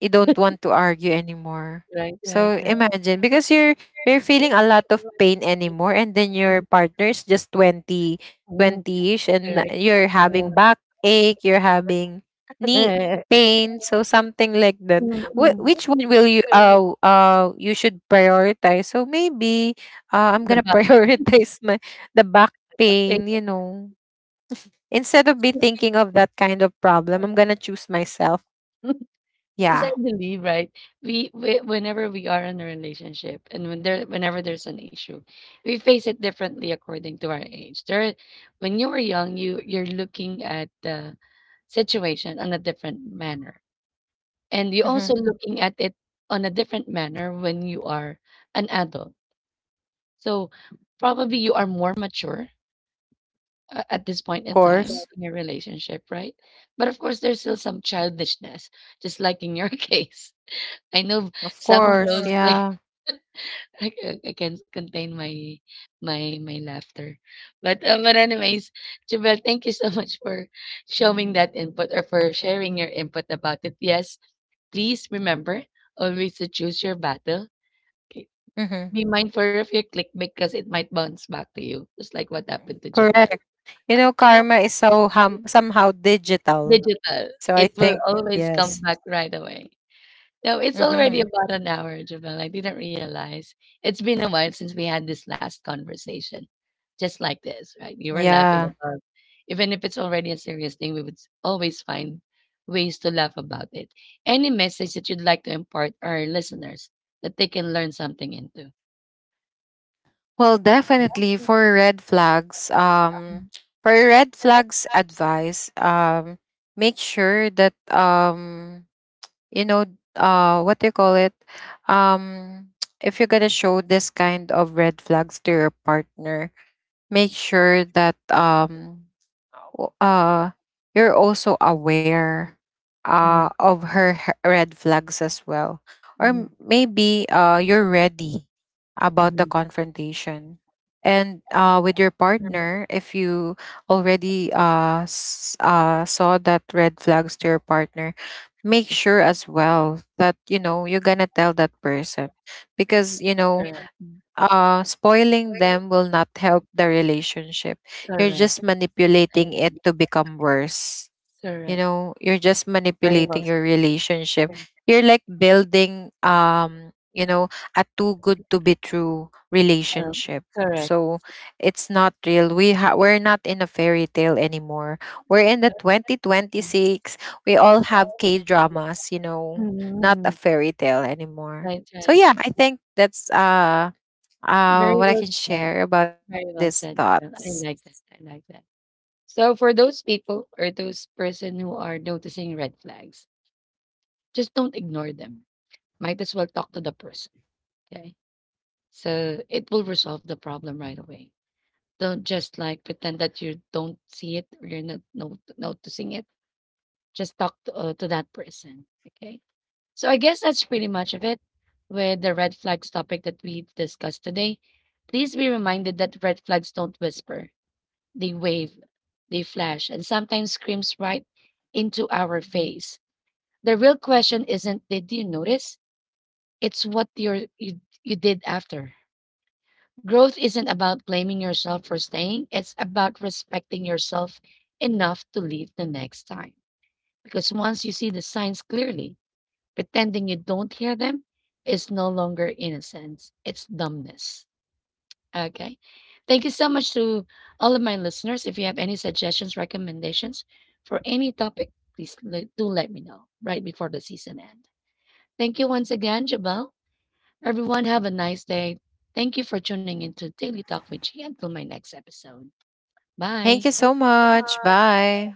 [SPEAKER 2] You don't want to argue anymore.
[SPEAKER 1] right, right,
[SPEAKER 2] So
[SPEAKER 1] right.
[SPEAKER 2] imagine, because you're feeling a lot of pain anymore, and then your partner is just 20,
[SPEAKER 1] Mm,
[SPEAKER 2] 20ish, and
[SPEAKER 1] correct.
[SPEAKER 2] you're having backache, you're having knee pain, so something like that.
[SPEAKER 1] Mm, mm.
[SPEAKER 2] Which one will you you should prioritize? So maybe I'm
[SPEAKER 1] The
[SPEAKER 2] going to prioritize my the back pain, you
[SPEAKER 1] back.
[SPEAKER 2] know. Instead of be thinking of that kind of problem, I'm going to choose myself.
[SPEAKER 1] 'Cause I
[SPEAKER 2] Yeah.
[SPEAKER 1] believe, right, we whenever we are in a relationship and whenever there's an issue, we face it differently according to our age. There when you were young, you you're looking at the situation on a different manner. And you're also
[SPEAKER 2] Mhm.
[SPEAKER 1] looking at it on a different manner when you are an adult. So probably you are more mature at this point
[SPEAKER 2] Of
[SPEAKER 1] in time
[SPEAKER 2] course.
[SPEAKER 1] in your relationship, right? But of course, there's still some childishness, just like in your case. I know
[SPEAKER 2] Of
[SPEAKER 1] some of
[SPEAKER 2] course,
[SPEAKER 1] those like
[SPEAKER 2] yeah.
[SPEAKER 1] I can't contain my my laughter. But anyways, Jubel, thank you so much for showing that input or for sharing your input about it. Yes, please remember always to choose your battle. Okay.
[SPEAKER 2] Mm-hmm.
[SPEAKER 1] Be mindful of your click because it might bounce back to you, just like what happened to Jubel.
[SPEAKER 2] Correct. You know, karma is so somehow digital.
[SPEAKER 1] Digital,
[SPEAKER 2] So I
[SPEAKER 1] it will
[SPEAKER 2] think
[SPEAKER 1] always come
[SPEAKER 2] yes.
[SPEAKER 1] back right away. No, it's already
[SPEAKER 2] Mm-hmm.
[SPEAKER 1] about an hour, Javel. I didn't realize. It's been a while since we had this last conversation, just like this, right? We were laughing
[SPEAKER 2] Yeah.
[SPEAKER 1] about, even if it's already a serious thing, we would always find ways to laugh about it. Any message that you'd like to impart our listeners that they can learn something into?
[SPEAKER 2] Well, definitely
[SPEAKER 1] Mm,
[SPEAKER 2] for red flags advice, make sure that you know, what do you call it? Um, if you're gonna show this kind of red flags to your partner, make sure that o- uh you're also aware
[SPEAKER 1] mm,
[SPEAKER 2] of her red flags as well, or
[SPEAKER 1] mm,
[SPEAKER 2] maybe you're ready about the
[SPEAKER 1] mm.
[SPEAKER 2] confrontation and with your partner. If you already saw that red flags to your partner, make sure as well that, you know, you're gonna tell that person, because you know
[SPEAKER 1] Correct.
[SPEAKER 2] spoiling them will not help the relationship. You're
[SPEAKER 1] Correct,
[SPEAKER 2] just
[SPEAKER 1] correct,
[SPEAKER 2] manipulating
[SPEAKER 1] ex-
[SPEAKER 2] it to become worse. You
[SPEAKER 1] correct,
[SPEAKER 2] know, you're just
[SPEAKER 1] very well
[SPEAKER 2] manipulating your relationship.
[SPEAKER 1] said.
[SPEAKER 2] You're like building, you know, a too good to be true
[SPEAKER 1] Oh,
[SPEAKER 2] relationship.
[SPEAKER 1] correct.
[SPEAKER 2] So it's not real. We're not in a fairy tale anymore. We're in the 2026. We all have K dramas, you know, not a
[SPEAKER 1] Mm,
[SPEAKER 2] fairy tale anymore.
[SPEAKER 1] right,
[SPEAKER 2] So
[SPEAKER 1] right.
[SPEAKER 2] yeah, I think that's
[SPEAKER 1] Very
[SPEAKER 2] what I
[SPEAKER 1] well
[SPEAKER 2] can
[SPEAKER 1] said.
[SPEAKER 2] share about these
[SPEAKER 1] Very well said,
[SPEAKER 2] thoughts.
[SPEAKER 1] Abel. I like that. I like that. So for those people or those person who are noticing red flags, just don't ignore them. Might as well talk to the person. Okay. So it will resolve the problem right away. Don't just like pretend that you don't see it or you're not noticing it. Just talk to that person. Okay. So I guess that's pretty much of it with the red flags topic that we've discussed today. Please be reminded that red flags don't whisper. They wave, they flash, and sometimes screams right into our face. The real question isn't did you notice? It's what you did after. Growth isn't about blaming yourself for staying. It's about respecting yourself enough to leave the next time. Because once you see the signs clearly, pretending you don't hear them is no longer innocence. It's dumbness. Okay. Thank you so much to all of my listeners. If you have any suggestions, recommendations for any topic, please do let me know right before the season end. Thank you once again, Jabal. Everyone, have a nice day. Thank you for tuning in to Daily Talk with G until my next episode.
[SPEAKER 2] Thank
[SPEAKER 1] Bye.
[SPEAKER 2] you so much. Bye.